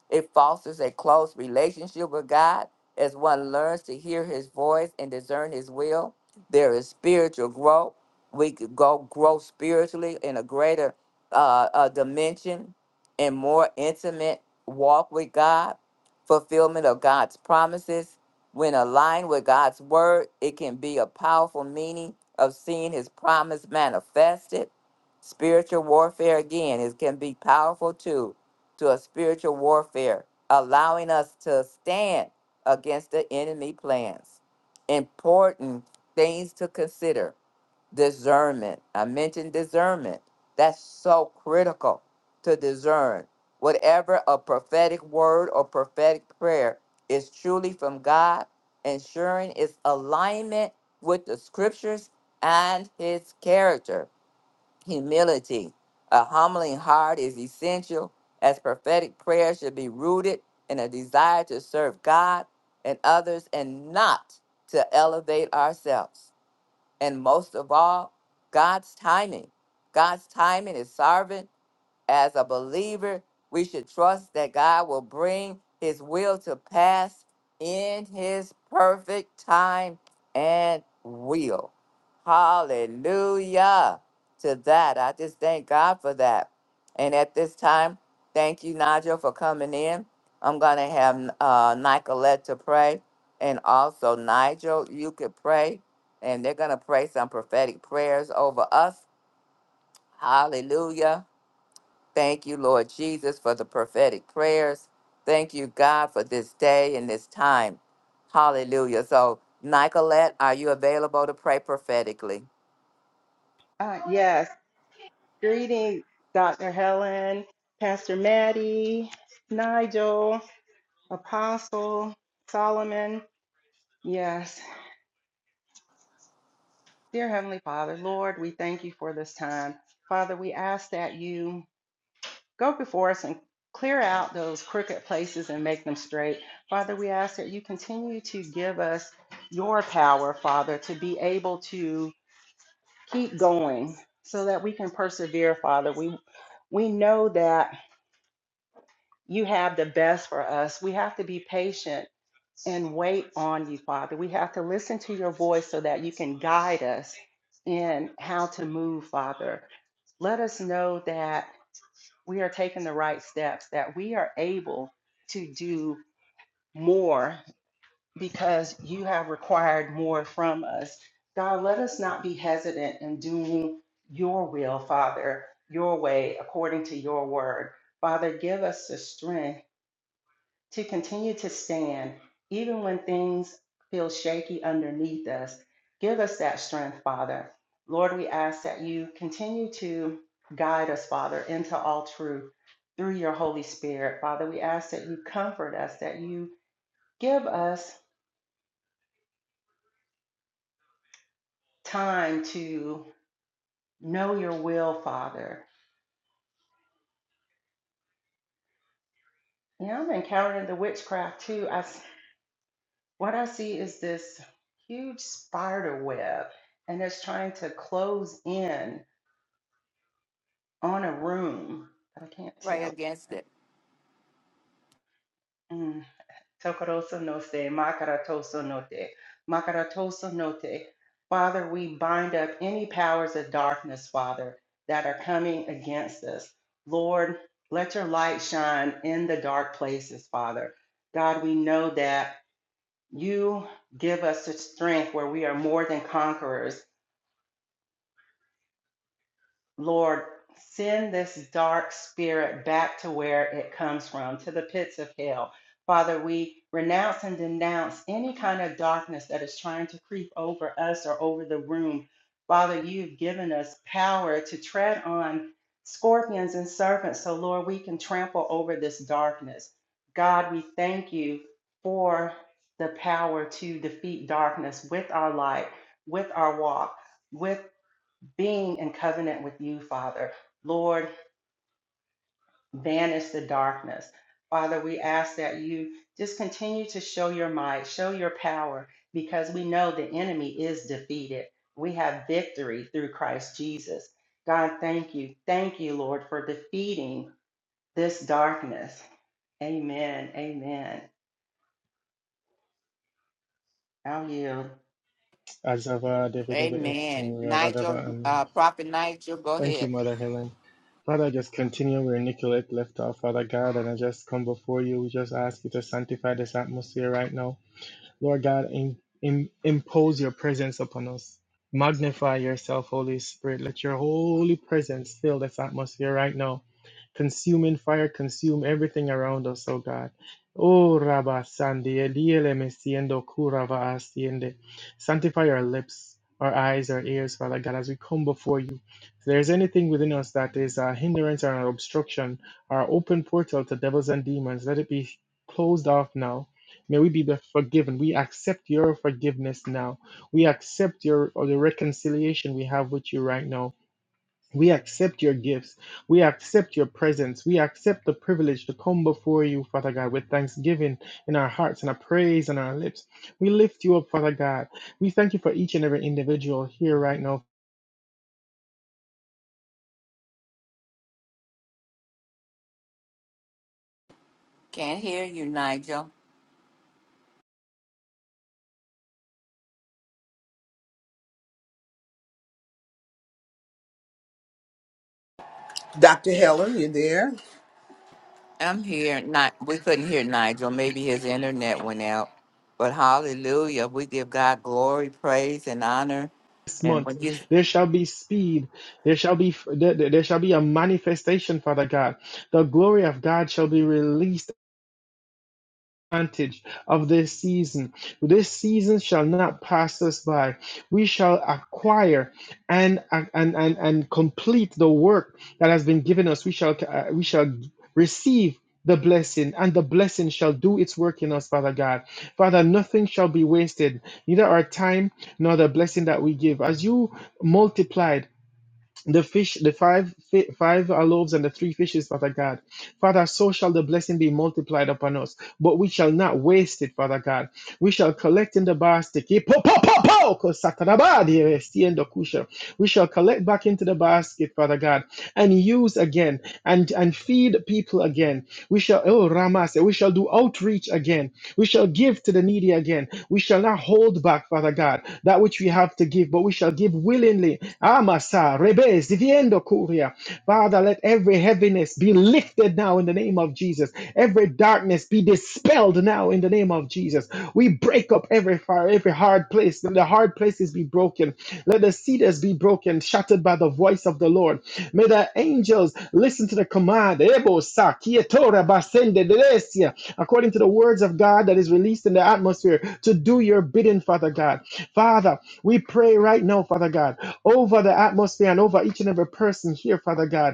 Speaker 1: it fosters a close relationship with God as one learns to hear his voice and discern his will. There is spiritual growth. We could go grow spiritually in a greater uh, uh, dimension and more intimate walk with God, fulfillment of God's promises. When aligned with God's word, it can be a powerful meaning of seeing his promise manifested. Spiritual warfare, again, is, can be powerful too to a spiritual warfare, allowing us to stand against the enemy plans. Important things to consider discernment. I mentioned discernment. That's so critical to discern. Whatever a prophetic word or prophetic prayer is truly from God, ensuring its alignment with the scriptures and his character humility. A humbling heart is essential, as prophetic prayer should be rooted in a desire to serve God and others and not to elevate ourselves. And most of all, God's timing. God's timing is sovereign as a believer, we should trust that God will bring his will to pass in his perfect time and will. Hallelujah to that. I just thank God for that. And at this time, thank you, Nigel, for coming in. I'm going to have uh, Nicolette to pray. And also, Nigel, you could pray. And they're going to pray some prophetic prayers over us. Hallelujah Thank you, Lord Jesus, for the prophetic prayers. Thank you, God, for this day and this time. Hallelujah. So, Nicolette, are you available to pray prophetically?
Speaker 4: Ah, yes. Greetings, Dr. Helen, Pastor Maddie, Nigel, Apostle, Solomon. Yes, dear Heavenly Father, Lord, we thank you for this time. Father, we ask that you go before us and clear out those crooked places and make them straight. Father, we ask that you continue to give us your power, Father, to be able to keep going so that we can persevere, Father. We we know that you have the best for us. We have to be patient and wait on you, Father. We have to listen to your voice so that you can guide us in how to move, Father. Let us know that we are taking the right steps, that we are able to do more because you have required more from us. God, let us not be hesitant in doing your will, Father, your way, according to your word. Father, give us the strength to continue to stand, even when things feel shaky underneath us. Give us that strength, Father. Lord, we ask that you continue to guide us, Father, into all truth through your Holy Spirit. Father, we ask that you comfort us, that you give us time to know your will, Father. You know, I'm encountering the witchcraft too. I, what I see is this huge spider web, and it's trying to close in on a room, but I can't
Speaker 1: Pray
Speaker 4: tell.
Speaker 1: against it.
Speaker 4: Mm. Tokoroso no se, makaratoso no te, makaratoso no te. Father, we bind up any powers of darkness, Father, that are coming against us. Lord, let your light shine in the dark places, Father. God, we know that you give us the strength where we are more than conquerors. Lord, send this dark spirit back to where it comes from, to the pits of hell. Father, we renounce and denounce any kind of darkness that is trying to creep over us or over the room. Father, you've given us power to tread on scorpions and serpents, so Lord, we can trample over this darkness. God, we thank you for the power to defeat darkness with our light, with our walk with being in covenant with you, Father. Lord, banish the darkness. Father, we ask that you just continue to show your might, show your power, because we know the enemy is defeated. We have victory through Christ Jesus. God, thank you. Thank you, Lord, for defeating this darkness. Amen. Amen. I'll yield.
Speaker 6: Azava Devedeva Esto
Speaker 1: Amen.
Speaker 6: Ravadava
Speaker 1: Nigel,
Speaker 6: Amen.
Speaker 1: uh, Prophet Nigel, go
Speaker 6: Thank you,
Speaker 1: ahead.
Speaker 6: Mother Helen. Father, just continue where Nicolette left off, Father God, and I just come before you. We just ask you to sanctify this atmosphere right now. Lord God, in, in, impose your presence upon us. Magnify yourself, Holy Spirit. Let your holy presence fill this atmosphere right now. Consuming fire, consume everything around us, oh God. Oh, Rabba Sandi, Eliele Mesiendo Kurava Asiende. Sanctify our lips, our eyes, our ears, Father God, as we come before you. If there's anything within us that is a hindrance or an obstruction, our open portal to devils and demons, let it be closed off now May we be the forgiven. We accept your forgiveness now. We accept your or the reconciliation we have with you right now. We accept your gifts. We accept your presence. We accept the privilege to come before you, Father God, with thanksgiving in our hearts and a praise on our lips. We lift you up, Father God. We thank you for each and every individual here right now.
Speaker 1: Can't hear you, Nigel.
Speaker 2: Dr. Helen, you there?
Speaker 1: I'm here. Not we couldn't hear Nigel. Maybe his internet went out. But hallelujah, we give God glory, praise, and honor.
Speaker 6: This
Speaker 1: And
Speaker 6: month,
Speaker 1: what you
Speaker 6: there shall be speed. There shall be there, there there shall be a manifestation, Father God. The glory of God shall be released advantage of this season. This season shall not pass us by. We shall acquire and and and, and complete the work that has been given us. We shall uh, we shall receive the blessing and the blessing shall do its work in us father god father nothing shall be wasted neither our time nor the blessing that we give as you multiplied the fish, the five fi- five loaves and the three fishes Father God. Father, so shall the blessing be multiplied upon us, but we shall not waste it, Father God. We shall collect in the basket. Ki- po- po- po- po- ko- satanabadi, eh, si- endo kusha. We shall collect back into the basket, Father God, and use again and and feed people again. We shall oh Ramas, we shall do outreach again. We shall shall give to the needy again. We shall not hold back, Father God, that which we have to give, but we shall give willingly. Amasa, rebes, diviendo curia. Father, let every heaviness be lifted now in the name of Jesus. Every darkness be dispelled now in the name of Jesus. We break up every fire, every hard place. Let the hard places be broken. Let the cedars be broken, shattered by the voice of the Lord. May the angels listen to the command. Ebo sa, quietora, basende, deresia according to the words of God that is released in the atmosphere, to do your bidding, Father God. Father, we pray right now, Father God, over the atmosphere and over each and every person here, Father God.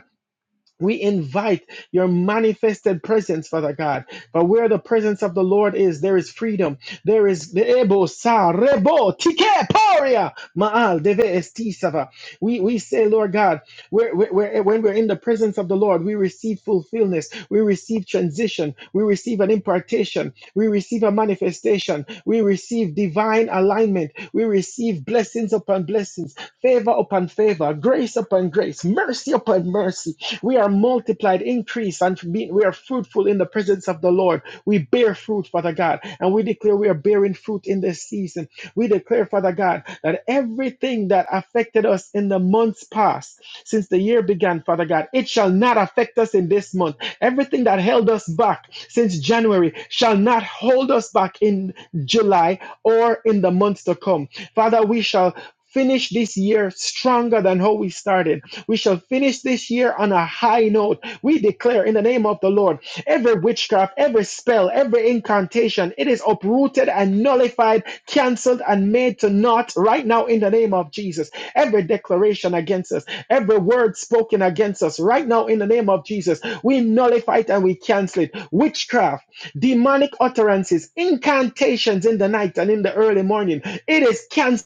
Speaker 6: We invite your manifested presence, Father God. But where the presence of the Lord is, there is freedom. There is Ebo sa rebo tike paria maal deve esti sava. We we say, Lord God, where where- where- when we're in the presence of the Lord, we receive fulfillment. We receive transition. We receive an impartation. We receive a manifestation. We receive divine alignment. We receive blessings upon blessings, favor upon favor, grace upon grace, mercy upon mercy we are multiplied, increased, and be- we are fruitful in the presence of the Lord. We bear fruit, Father God, and we declare we are bearing fruit in this season. We declare, Father God, that everything that affected us in the months past, since the year began, Father God, it shall not affect us in this month. Everything that held us back since January shall not hold us back in July or in the months to come. Father, we shall finish this year stronger than how we started. We shall finish this year on a high note. We declare in the name of the Lord every witchcraft, every spell, every incantation, it is uprooted and nullified, canceled and made to naught right now in the name of Jesus. Every declaration against us, every word spoken against us right now in the name of Jesus, we nullify it and we cancel it. Witchcraft, demonic utterances, incantations in the night and in the early morning, it is canceled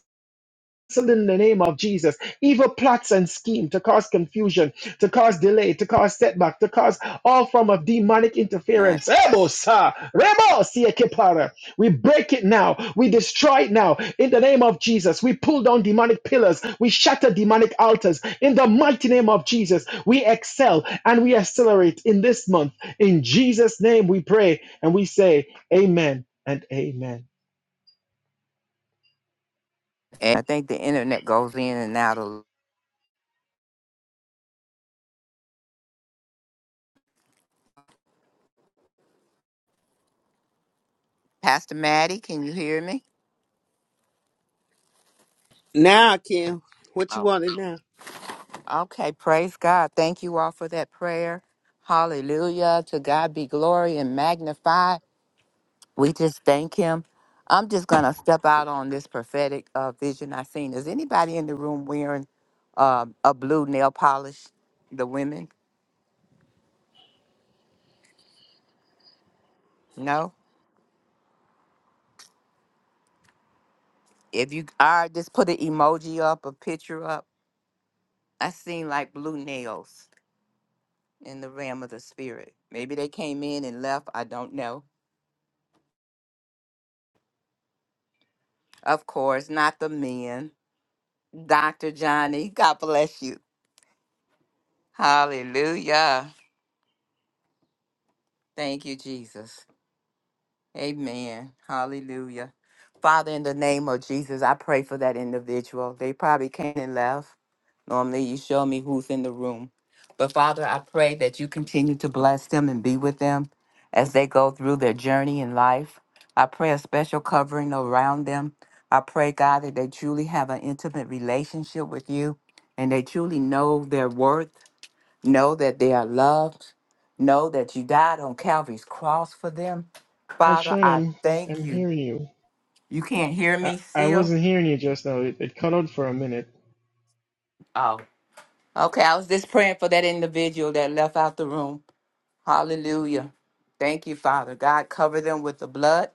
Speaker 6: in the name of Jesus. Evil plots and scheme to cause confusion, to cause delay, to cause setback, to cause all form of demonic
Speaker 1: and,
Speaker 6: interference. Ebosa, rebosia kepara. We break it now. We destroy it now. In the name of Jesus, we pull down demonic pillars. We shatter demonic altars. In the mighty name of Jesus, we excel and we accelerate in this month. In Jesus' name, we pray and we say, Amen and Amen.
Speaker 1: and out of Pastor Maddie, can you hear me? Okay, praise God. Thank you all for that prayer. Hallelujah. To God be glory and magnify. We just thank him. I'm just going to step out on this prophetic uh, vision i seen. Is anybody in the room wearing um a blue nail polish? The women? No? If you are, just put an emoji up, a picture up. I seen like blue nails in the realm of the spirit. Maybe they came in and left. I don't know. Of course, not the men Dr. Johnny. God bless you. Hallelujah. Thank you, Jesus. Amen. Hallelujah. Father, in the name of Jesus, I pray for that individual. They probably came and left. Normally, you show me who's in the room. But Father, I pray that you continue to bless them and be with them as they go through their journey in life. I pray a special covering around them. I pray, God, that they truly have an intimate relationship with you and they truly know their worth Know that they are loved. Know that you died on Calvary's cross for them.
Speaker 6: I'm
Speaker 1: Father,
Speaker 6: sure
Speaker 1: I
Speaker 6: I'm,
Speaker 1: thank
Speaker 6: I'm
Speaker 1: you.
Speaker 6: hearing you.
Speaker 1: You can't hear
Speaker 6: I,
Speaker 1: me
Speaker 6: I
Speaker 1: still?
Speaker 6: wasn't hearing you just now. It, it cut out for a minute.
Speaker 1: Oh, okay. I was just praying for that individual that left out the room. Hallelujah. Thank you, Father. God, cover them with the blood.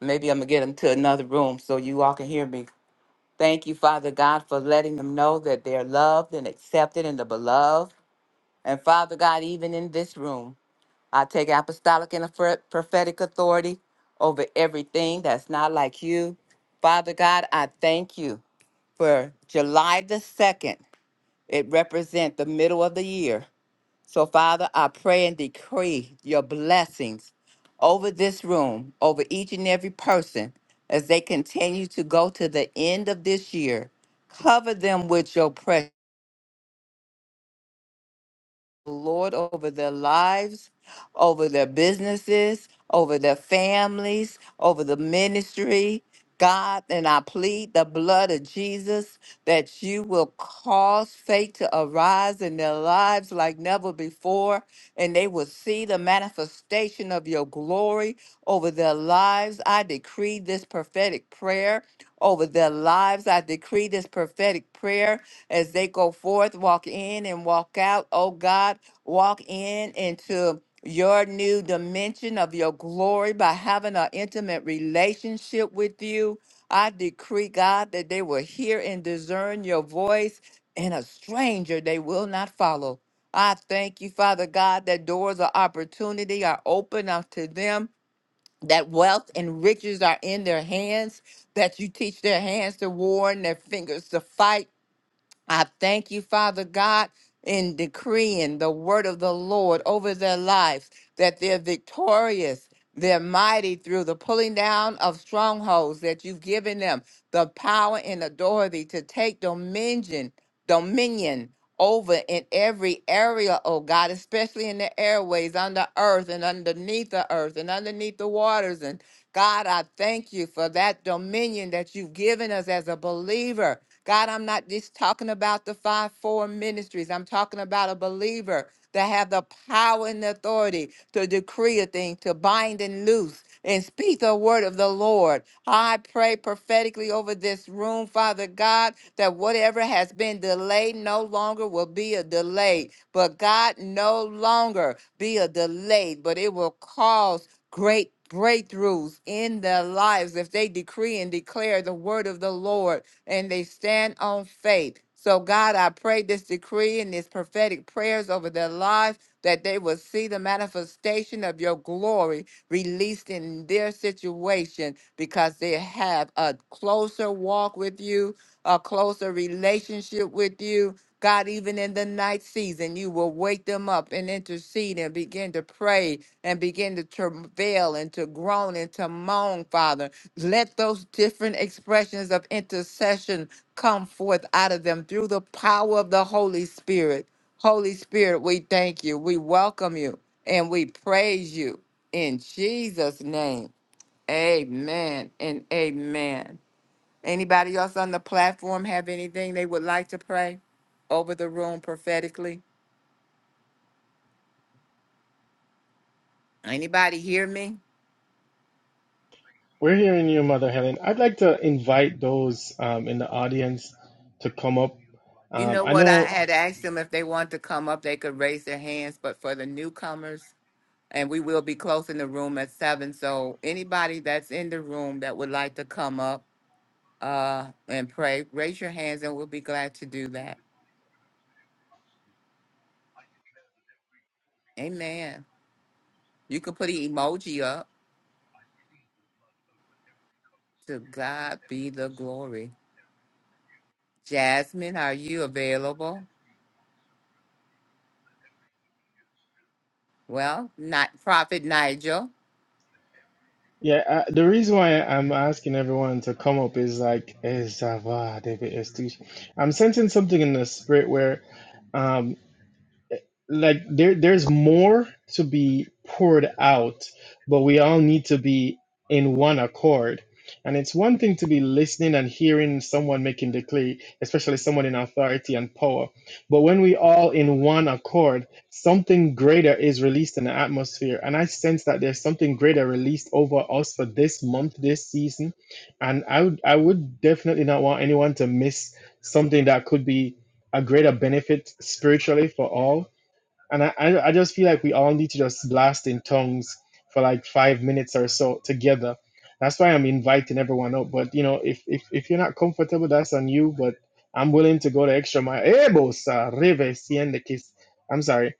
Speaker 1: Maybe I'm going to get them to another room so you all can hear me. Thank you, Father God, for letting them know that they're loved and accepted in the beloved. And Father God, even in this room. I take apostolic and proph- prophetic authority over everything that's not like you. Father God, I thank you for July the 2nd. It represents the middle of the year. So, Father, I pray and decree your blessings over this room, over each and every person as they continue to go to the end of this year. Cover them with your presence. Lord over their lives, over their businesses, over their families, over the ministry. God, and I plead the blood of Jesus that you will cause faith to arise in their lives like never before, and they will see the manifestation of your glory over their lives. I decree this prophetic prayer over their lives. I decree this prophetic prayer as they go forth, walk in and walk out. Oh God walk in into your new dimension of your glory by having an intimate relationship with you. I decree, God, that they will hear and discern your voice, and a stranger they will not follow. I thank you, Father God, that doors of opportunity are open unto them, that wealth and riches are in their hands, that you teach their hands to war and their fingers to fight I thank you, Father God, in decreeing the word of the Lord over their lives, that they're victorious, they're mighty through the pulling down of strongholds that you've given them, the power and authority to take dominion, dominion over in every area, oh God, especially in the airways, under earth and underneath the earth and underneath the waters. And God, I thank you for that dominion that you've given us as a believer God, I'm not just talking about the five foreign ministries. I'm talking about a believer that have the power and the authority to decree a thing, to bind and loose and speak the word of the Lord. I pray prophetically over this room, Father God, that whatever has been delayed no longer will be a delay. But God, no longer be a delay, but it will cause great breakthroughs in their lives if they decree and declare the word of the Lord and they stand on faith. So, God, I pray this decree and these prophetic prayers over their lives that they will see the manifestation of your glory released in their situation because they have a closer walk with you, a closer relationship with you. God, even in the night season, you will wake them up and intercede and begin to pray and begin to travail and to groan and to moan, Father let those different expressions of intercession come forth out of them through the power of the Holy Spirit. Holy Spirit, we thank you. We welcome you and we praise you in Jesus' name. Amen and amen. Anybody else on the platform have anything they would like to pray over the room prophetically? Anybody hear me?
Speaker 6: We're hearing you, Mother Helen. I'd like to invite those um, in the audience to come up.
Speaker 1: You
Speaker 6: Um,
Speaker 1: know
Speaker 6: I
Speaker 1: what? I
Speaker 6: know,
Speaker 1: had asked them if they want to come up, they could raise their hands, but for the newcomers, and we will be closing the room at seven. So anybody that's in the room that would like to come up uh, and pray, raise your hands, and we'll be glad to do that. Amen. You can put an emoji up. To God be the glory. Jasmine, are you available? Well, not Prophet Nigel.
Speaker 6: yeah, I, the reason why I'm asking everyone to come up is like, "Eh, ça va, David Estouche." I'm sensing something in the spirit where. um, like there there's more to be poured out but we all need to be in one accord and it's one thing to be listening and hearing someone making the decree especially someone in authority and power but when we all in one accord something greater is released in the atmosphere and i sense that there's something greater released over us for this month this season and i would i would definitely not want anyone to miss something that could be a greater benefit spiritually for all and I, I I just feel like we all need to just blast in tongues for like five minutes or so together. That's why I'm inviting everyone up. But you know, if if, if you're not comfortable, that's on you. But I'm willing to go the extra mile. Eh, bosa, reve, siende, kiss. I'm sorry.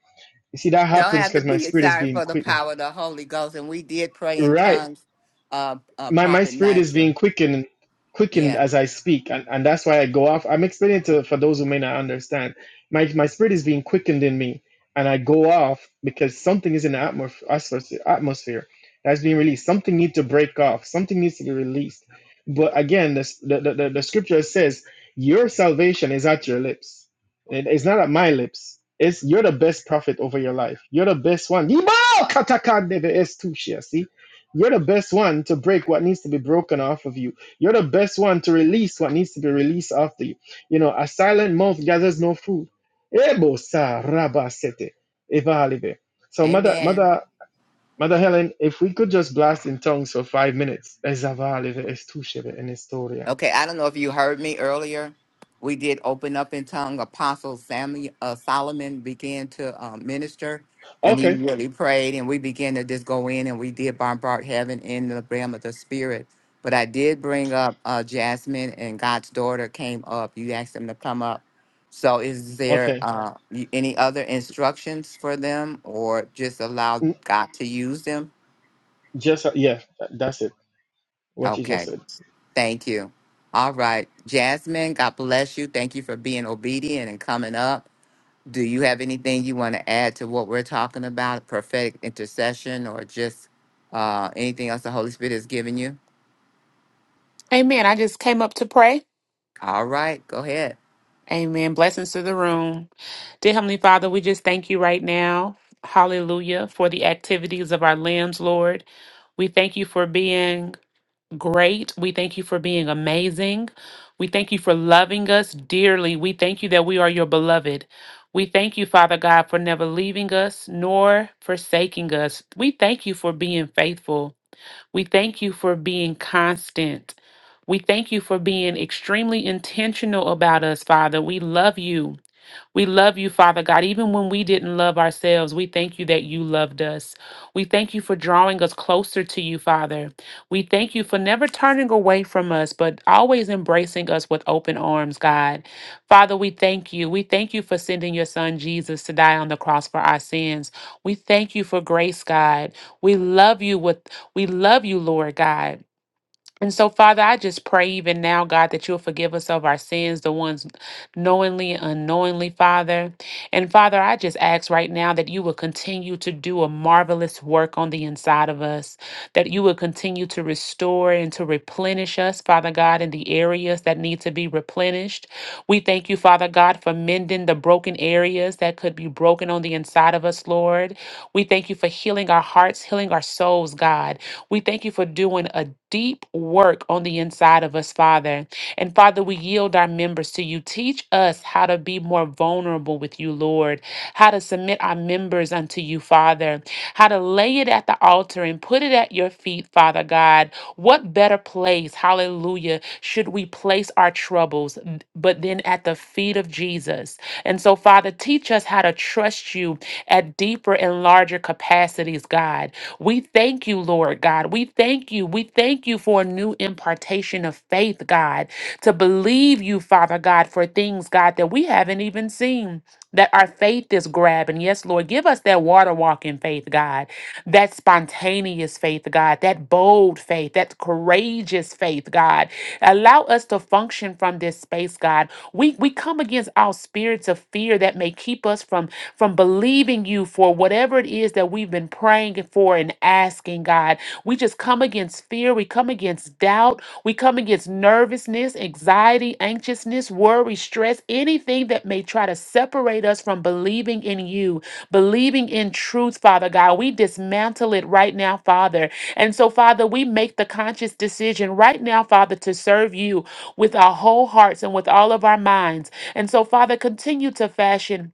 Speaker 6: You see, that
Speaker 1: Don't
Speaker 6: happens
Speaker 1: have to
Speaker 6: because my
Speaker 1: be <laughs>
Speaker 6: spirit is
Speaker 1: excited
Speaker 6: being
Speaker 1: for the
Speaker 6: quickened.
Speaker 1: power of the Holy Ghost. And we did pray in
Speaker 6: Right
Speaker 1: tongues, uh, uh,
Speaker 6: my my
Speaker 1: Prophet
Speaker 6: spirit is
Speaker 1: Nigel.
Speaker 6: being quickened quickened
Speaker 1: Yeah.
Speaker 6: as I speak, and, and that's why I go off. I'm explaining to for those who may not understand. My my spirit is being quickened in me, and I go off because something is in the atmos- atmosphere atmosphere that's being released. Something needs to break off. Something needs to be released. But again, this, the, the the the scripture says your salvation is at your lips. It- it's not at my lips. It's you're the best prophet over your life. You're the best one. Yibao katakandeve estushia, you're the best one to break what needs to be broken off of you. You're the best one to release what needs to be released after you. You know, a silent mouth gathers no food. Ebo sa raba sete, eva alive. So, mother,
Speaker 1: Amen.
Speaker 6: mother, mother Helen, if we could just blast in tongues for five minutes. Ezava alive, estusheve, en historia.
Speaker 1: Okay, I don't know if you heard me earlier. We did open up in tongue. Apostle Samuel uh, Solomon began to um, minister, and he
Speaker 6: Okay,
Speaker 1: really prayed. And we began to just go in, and we did bombard heaven in the realm of the spirit. But I did bring up uh, Jasmine, and God's daughter came up. You asked them to come up. So, is there
Speaker 6: okay.
Speaker 1: uh, y- any other instructions for them, or just allow
Speaker 6: Mm,
Speaker 1: God to use them?
Speaker 6: Just yeah, that's it. What you
Speaker 1: Okay.
Speaker 6: just said.
Speaker 1: Thank you. All right. Jasmine, God bless you. Thank you for being obedient and coming up. Do you have anything you want to add to what we're talking about, prophetic intercession, or just uh, anything else the Holy Spirit has given you?
Speaker 7: Amen. I just came up to pray.
Speaker 1: All right. Go ahead.
Speaker 7: Amen. Blessings to the room. Dear Heavenly Father, we just thank you right now. Hallelujah. For the activities of our limbs, Lord. We thank you for being great. We thank you for being amazing. We thank you for loving us dearly. We thank you that we are your beloved. We thank you, Father God, for never leaving us nor forsaking us. We thank you for being faithful. We thank you for being constant. We thank you for being extremely intentional about us, Father. We love you. We love you, Father God. Even when we didn't love ourselves, we thank you that you loved us. We thank you for drawing us closer to you, Father. We thank you for never turning away from us, but always embracing us with open arms, God. Father, we thank you. We thank you for sending your son Jesus to die on the cross for our sins. We thank you for grace, God. We love you with we love you, Lord God. And so, Father, I just pray even now, God, that you'll forgive us of our sins, the ones knowingly, unknowingly, Father. And Father, I just ask right now that you will continue to do a marvelous work on the inside of us, that you will continue to restore and to replenish us, Father God, in the areas that need to be replenished. We thank you, Father God, for mending the broken areas that could be broken on the inside of us, Lord. We thank you for healing our hearts, healing our souls, God. We thank you for doing a deep work on the inside of us, Father. And Father, we yield our members to you. Teach us how to be more vulnerable with you, Lord, how to submit our members unto you, Father, how to lay it at the altar and put it at your feet, Father God. What better place, hallelujah, should we place our troubles but then at the feet of Jesus? And so, Father, teach us how to trust you at deeper and larger capacities, God. We thank you, Lord God. We thank you. We thank you for a new impartation of faith, God, to believe you, Father God, for things, God, that we haven't even seen, that our faith is grabbing. Yes, Lord, give us that water walking faith, God that spontaneous faith, God, that bold faith, that courageous faith, God. Allow us to function from this space, God. We we come against all spirits of fear that may keep us from from believing you for whatever it is that we've been praying for and asking, God. We just come against fear, we come against doubt, we come against nervousness, anxiety, anxiousness, worry, stress, anything that may try to separate us from believing in you believing in truth, Father God. We dismantle it right now, Father. And so, Father, we make the conscious decision right now, Father, to serve you with our whole hearts and with all of our minds. And so, Father, continue to fashion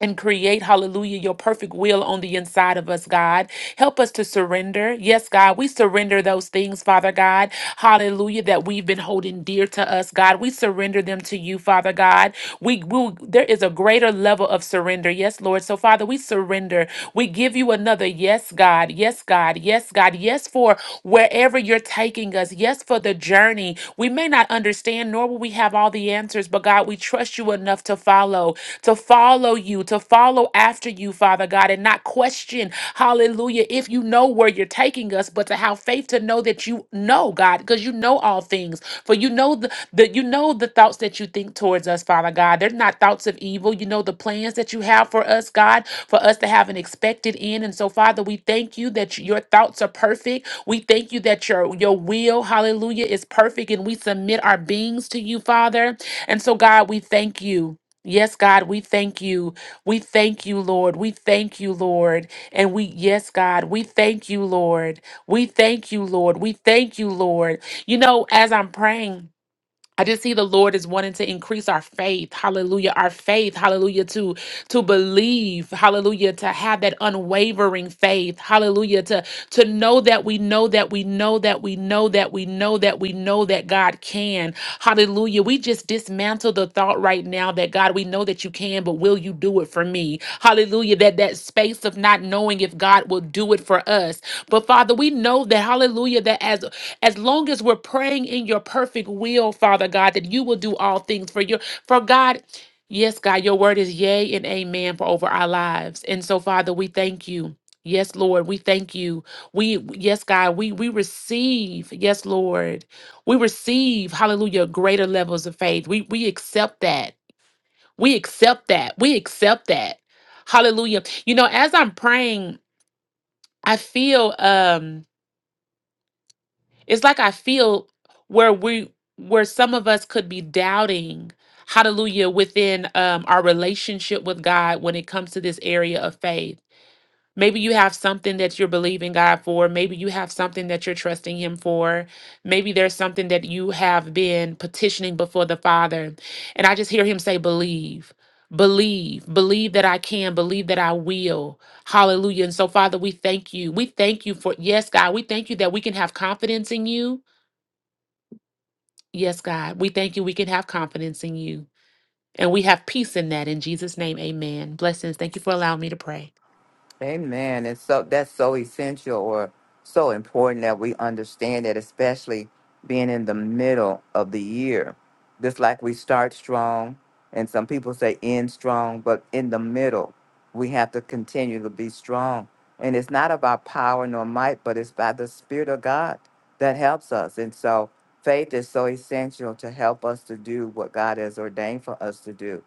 Speaker 7: and create, hallelujah, your perfect will on the inside of us, God. Help us to surrender. Yes, God, we surrender those things, Father God, hallelujah, that we've been holding dear to us, God. We surrender them to you, Father God. We will, there is a greater level of surrender. Yes, Lord. So, Father, we surrender we give you another yes, God. Yes, God. Yes, God. Yes, for wherever you're taking us. Yes, for the journey. We may not understand, nor will we have all the answers, but God, we trust you enough to follow, to follow you, to follow after you, Father God, and not question, hallelujah, if you know where you're taking us, but to have faith to know that you know, God, because you know all things. For you know the, the you know the thoughts that you think towards us, Father God. They're not thoughts of evil. You know the plans that you have for us, God for us to have an expected end. And so, Father, we thank you that your thoughts are perfect. We thank you that your, your will, hallelujah, is perfect. And we submit our beings to you, Father. And so, God, we thank you. Yes, God, we thank you. We thank you, Lord. We thank you, Lord. And we, yes, God, we thank you, Lord. We thank you, Lord. We thank you, Lord. You know, as I'm praying, I just see the Lord is wanting to increase our faith. Hallelujah. Our faith. Hallelujah. To to believe. Hallelujah. To have that unwavering faith. Hallelujah. To to know that we know that we know that we know that we know that we know that God can. Hallelujah. We just just dismantle the thought right now that God, we know that you can, but will you do it for me? Hallelujah. That that space of not knowing if God will do it for us. But Father, we know that hallelujah that as as long as we're praying in your perfect will, Father God, that you will do all things for your for God Yes, God, your word is yea and amen for over our lives. And so, Father, we thank you. Yes, Lord, we thank you. We yes, God, we we receive. Yes, Lord we receive hallelujah greater levels of faith we we accept that we accept that we accept that hallelujah you know as i'm praying i feel um it's like i feel where we where some of us could be doubting hallelujah within um our relationship with god when it comes to this area of faith Maybe you have something that you're believing God for. Maybe you have something that you're trusting Him for. Maybe there's something that you have been petitioning before the Father. And I just hear Him say, Believe, believe, believe that I can, believe that I will. Hallelujah. And so, Father, we thank you. We thank you for, yes, God, we thank you that we can have confidence in you. Yes, God, we thank you we can have confidence in you. And we have peace in that. In Jesus' name, amen. Blessings. Thank you for allowing me to pray.
Speaker 1: Amen. And so that's so essential or so important that we understand that, especially being in the middle of the year. Just like we start strong, and some people say end strong, but in the middle, we have to continue to be strong. And it's not about power nor might, but it's by the Spirit of God that helps us. And so faith is so essential to help us to do what God has ordained for us to do.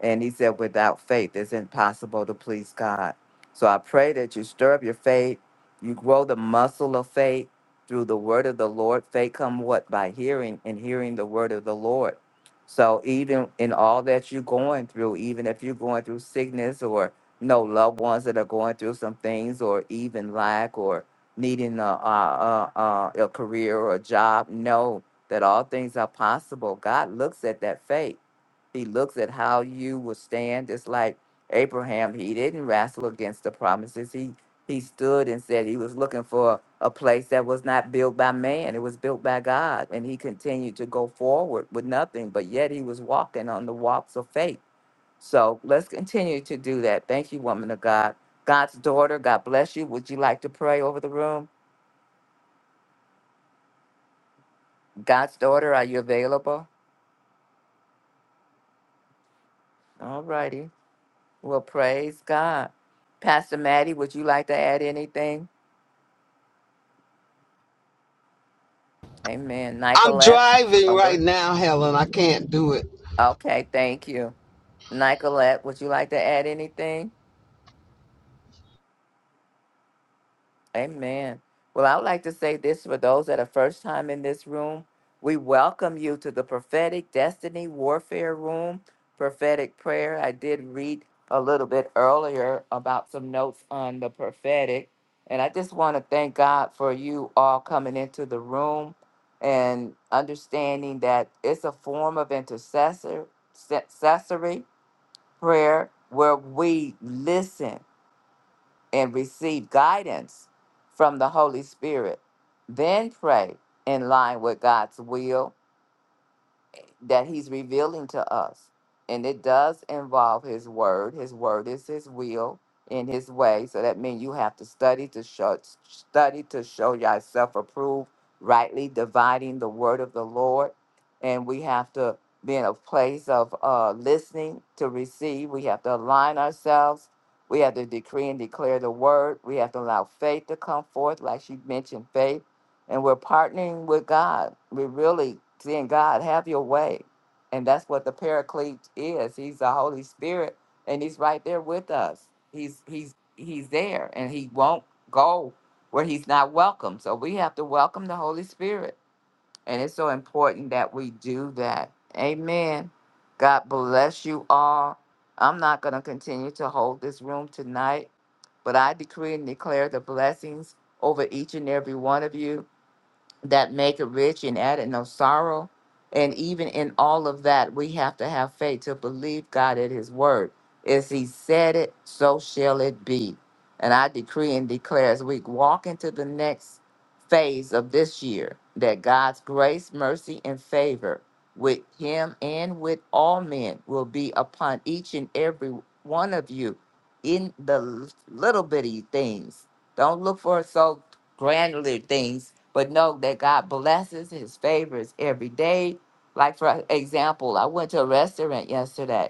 Speaker 1: And He said, without faith, it's impossible to please God. So I pray that you stir up your faith, you grow the muscle of faith through the word of the Lord. Faith come what by hearing and hearing the word of the Lord. So even in all that you're going through, even if you're going through sickness or you know loved ones that are going through some things, or even lack or needing a a, a, a a career or a job, know that all things are possible. God looks at that faith. He looks at how you will stand, just like Abraham. He didn't wrestle against the promises. He he stood and said he was looking for a place that was not built by man. It was built by God, and he continued to go forward with nothing. But yet he was walking on the walks of faith. So let's continue to do that. Thank you, woman of God. God's daughter, God bless you. Would you like to pray over the room? God's daughter, are you available? All righty. Well, praise God. Pastor Maddie, would you like to add anything? Amen.
Speaker 2: I'm
Speaker 1: Nicolette.
Speaker 2: driving
Speaker 1: Oh,
Speaker 2: right
Speaker 1: good.
Speaker 2: now, Helen. I can't do it.
Speaker 1: Okay, thank you. Nicolette, would you like to add anything? Amen. Well, I would like to say this for those that are first time in this room. We welcome you to the prophetic destiny warfare room, prophetic prayer. I did read a little bit earlier about some notes on the prophetic. And I just want to thank God for you all coming into the room and understanding that it's a form of intercessor, intercessory prayer where we listen and receive guidance from the Holy Spirit. Then pray in line with God's will that he's revealing to us. And it does involve his word. His word is his will in his way. So that means you have to study to show study to show yourself approved, rightly dividing the word of the Lord. And we have to be in a place of uh, listening to receive. We have to align ourselves. We have to decree and declare the word. We have to allow faith to come forth, like she mentioned, faith and we're partnering with God. We're really saying, God, have your way. And that's what the paraclete is. He's the Holy Spirit and he's right there with us. He's he's he's there and he won't go where he's not welcome. So we have to welcome the Holy Spirit. And it's so important that we do that. Amen. God bless you all. I'm not going to continue to hold this room tonight, but I decree and declare the blessings over each and every one of you that make it rich and added no sorrow. And even in all of that, we have to have faith to believe God at His word. As He said it, so shall it be. And I decree and declare as we walk into the next phase of this year that God's grace, mercy, and favor with Him and with all men will be upon each and every one of you in the little bitty things. Don't look for so granular things but know that God blesses his favors every day. Like, for example, I went to a restaurant yesterday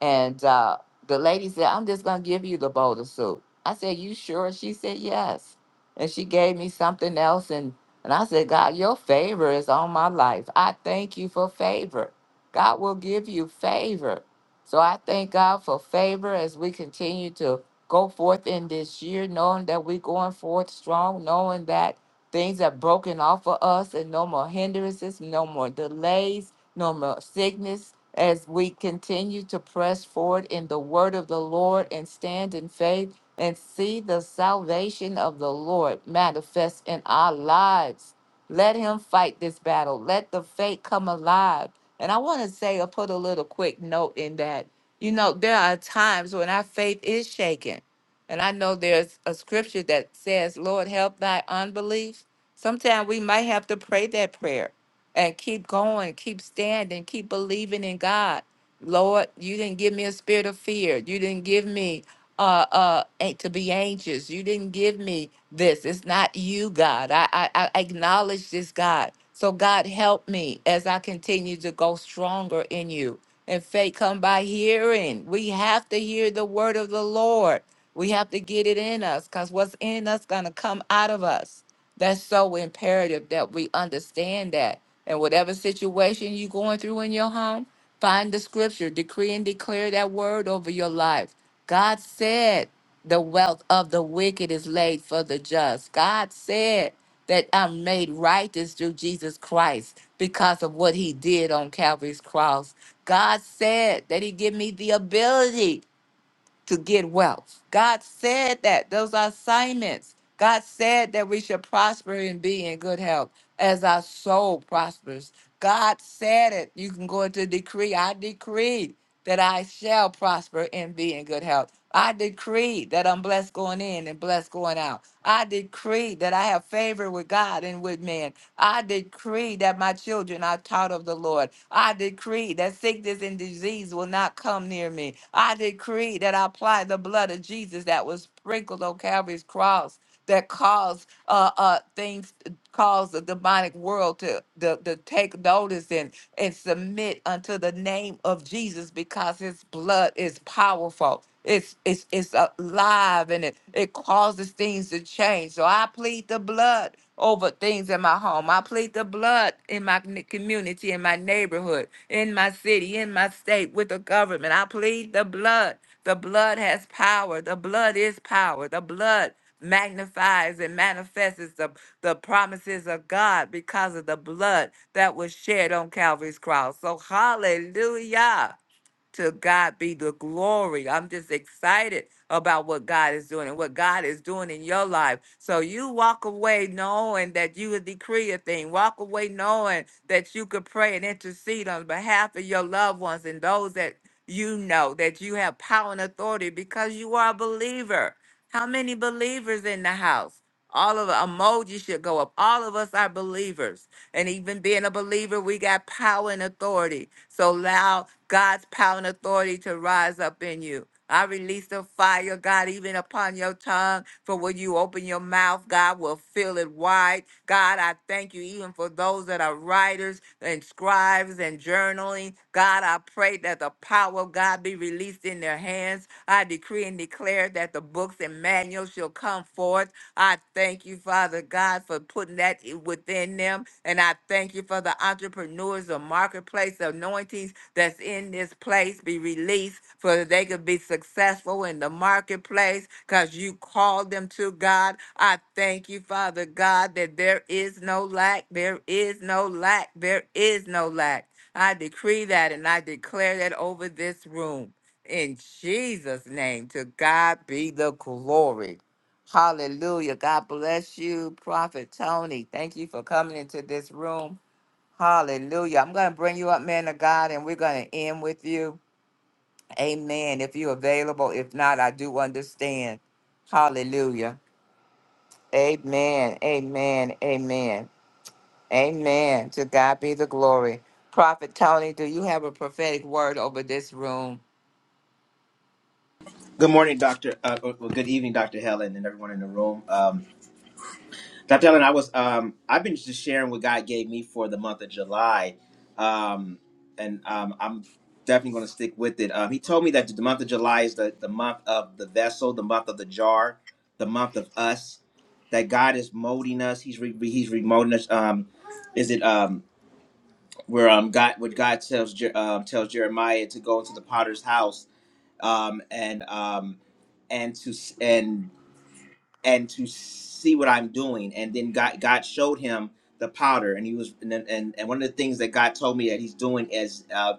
Speaker 1: and uh, the lady said, I'm just going to give you the bowl of soup. I said, You sure? She said, Yes. And she gave me something else. And, and I said, God, your favor is on my life. I thank you for favor. God will give you favor. So I thank God for favor as we continue to go forth in this year, knowing that we're going forth strong, knowing that things are broken off for us and no more hindrances, no more delays, no more sickness, as we continue to press forward in the word of the Lord and stand in faith and see the salvation of the Lord manifest in our lives. Let him fight this battle. Let the faith come alive. And I want to say, I put a little quick note in that. You know, there are times when our faith is shaken. And I know there's a scripture that says, Lord, help thy unbelief. Sometimes we might have to pray that prayer and keep going, keep standing, keep believing in God. Lord, you didn't give me a spirit of fear. You didn't give me uh uh a- to be anxious. You didn't give me this. It's not you, God. I I, I acknowledge this, God. So God help me as I continue to go stronger in you. And faith come by hearing. We have to hear the word of the Lord. We have to get it in us because what's in us gonna come out of us. That's so imperative that we understand that and whatever situation you're going through in your home, find the scripture, decree and declare that word over your life. God said, The wealth of the wicked is laid for the just. God said that I'm made righteous through Jesus Christ because of what he did on Calvary's cross. God said that he give me the ability to get wealth. God said that. Those are assignments. God said that we should prosper and be in good health as our soul prospers. God said it. You can go into decree. I decree that I shall prosper and be in good health. I decree that I'm blessed going in and blessed going out. I decree that I have favor with God and with men. I decree that my children are taught of the Lord. I decree that sickness and disease will not come near me. I decree that I apply the blood of Jesus that was sprinkled on Calvary's cross that caused uh, uh, things, caused the demonic world to, to, to take notice and and submit unto the name of Jesus because his blood is powerful. It's it's it's alive and it, it causes things to change. So I plead the blood over things in my home. I plead the blood in my n- community, in my neighborhood, in my city, in my state, with the government. I plead the blood. The blood has power. The blood is power. The blood magnifies and manifests the promises of God because of the blood that was shed on Calvary's cross. So, hallelujah. To God be the glory. I'm just excited about what God is doing and what God is doing in your life. So you walk away knowing that you would decree a thing. Walk away knowing that you could pray and intercede on behalf of your loved ones and those that you know that you have power and authority because you are a believer. How many believers in the house? All of the emojis should go up. All of us are believers. And even being a believer, we got power and authority. So allow God's power and authority to rise up in you. I release the fire, God, even upon your tongue. For when you open your mouth, God will fill it wide. God, I thank you even for those that are writers and scribes and journaling. God, I pray that the power of God be released in their hands. I decree and declare that the books and manuals shall come forth. I thank you, Father God, for putting that i- within them. And I thank you for the entrepreneurs, the marketplace anointings that's in this place be released so that they could be successful in the marketplace because you called them to God. I thank you, Father God, that there is no lack, there is no lack, there is no lack. I decree that and I declare that over this room. In Jesus' name, to God be the glory. Hallelujah. God bless you, Prophet Tony. Thank you for coming into this room. Hallelujah. I'm going to bring you up, man of God, and we're going to end with you. Amen. If you're available, if not, I do understand. Hallelujah. Amen. Amen. Amen. Amen. To God be the glory. Prophet Tony, do you have a prophetic word over this room?
Speaker 8: Good morning, Doctor. Uh, or- good evening, Doctor Helen, and everyone in the room. Um, Doctor Helen, I was um, I've been just sharing what God gave me for the month of July, um, and um, I'm definitely going to stick with it. Um, he told me that the month of July is the, the month of the vessel, the month of the jar, the month of us. That God is molding us. He's re- he's remolding us. Um, is it um, where um God what God tells Je- um tells Jeremiah to go into the Potter's house um, and um, and to and and to see what I'm doing. And then God God showed him the powder, and he was and then- and, and one of the things that God told me that He's doing is uh,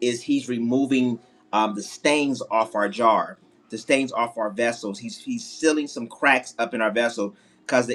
Speaker 8: is He's removing um, the stains off our jar, the stains off our vessels. He's He's sealing some cracks up in our vessel because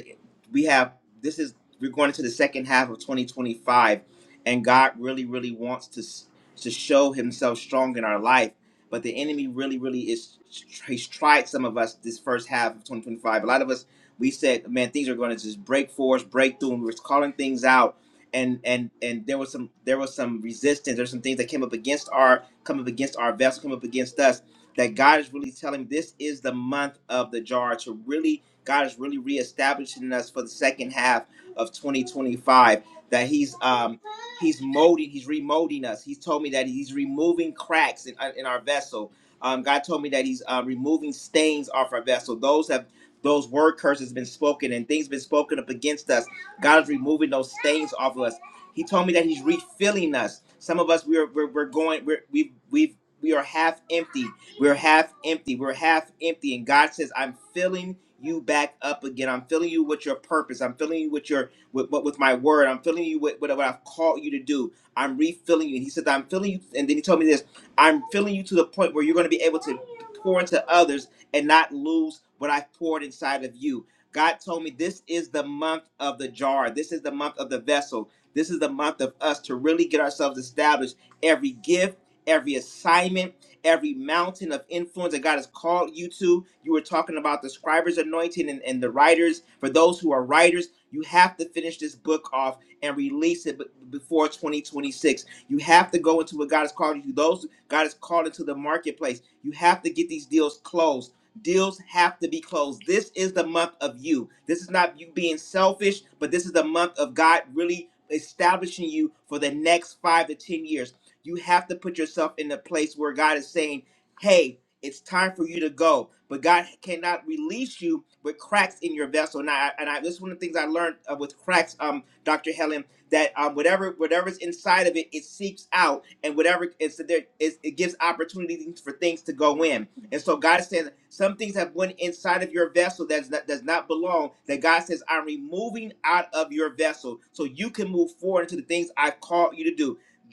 Speaker 8: we have this is we're going into the second half of 2025, and God really really wants to s- to show Himself strong in our life but the enemy really, really is he's tried some of us this first half of 2025. A lot of us we said, man, things are going to just break for us, break through, and we were calling things out. And and and there was some there was some resistance. There's some things that came up against our come up against our vessel, come up against us. That God is really telling this is the month of the jar to really God is really reestablishing us for the second half of 2025. That He's um He's molding, he's remolding us. He's told me that he's removing cracks in, uh, in our vessel. Um, God told me that he's uh, removing stains off our vessel. Those have those word curses been spoken and things been spoken up against us. God is removing those stains off of us. He told me that he's refilling us. Some of us we're we're, we're going we're, we we we are half empty. We're half empty. We're half empty and God says I'm filling you back up again. I'm filling you with your purpose. I'm filling you with your with, but with my word. I'm filling you with, with what I've called you to do. I'm refilling you. And he said, I'm filling you. And then he told me this I'm filling you to the point where you're going to be able to pour into others and not lose what I've poured inside of you. God told me this is the month of the jar. This is the month of the vessel. This is the month of us to really get ourselves established. Every gift, every assignment, every mountain of influence that God has called you to. You were talking about the scribes anointing and, and the writers. For those who are writers, you have to finish this book off and release it b- before 2026. You have to go into what God has called you to. Those God has called into the marketplace. You have to get these deals closed. Deals have to be closed. This is the month of you. This is not you being selfish, but this is the month of God really establishing you for the next five to 10 years. You have to put yourself in a place where God is saying, hey, it's time for you to go. But God cannot release you with cracks in your vessel. And I, and I, this is one of the things I learned uh, with cracks, um, Dr. Helen, that um, whatever whatever's inside of it, it seeps out, and whatever is there, is, it gives opportunities for things to go in. And so God says some things have went inside of your vessel that does not belong. That God says I'm removing out of your vessel so you can move forward into the things I've called you to do.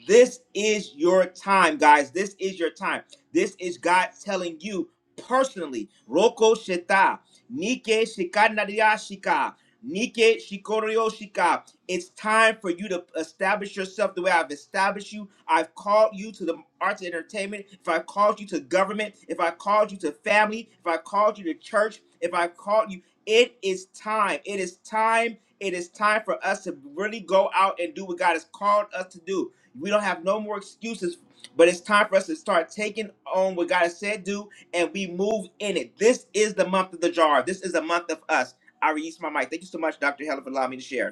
Speaker 8: This is your time, guys. This is your time. This is God telling you personally. Roko Sheta, Nike Shikanaria Shika, Nike Shikorio Shika. It's time for you to establish yourself the way I've established you. I've called you to the arts and entertainment. If I called you to government, if I called you to family, if I called you to church, if I called you, it is time. It is time. It is time for us to really go out and do what God has called us to do. We don't have no more excuses, but it's time for us to start taking on what God has said do, and we move in it. This is the month of the jar. This is a month of us. I release my mic. Thank you so much, Dr. Helen, for allowing me to share.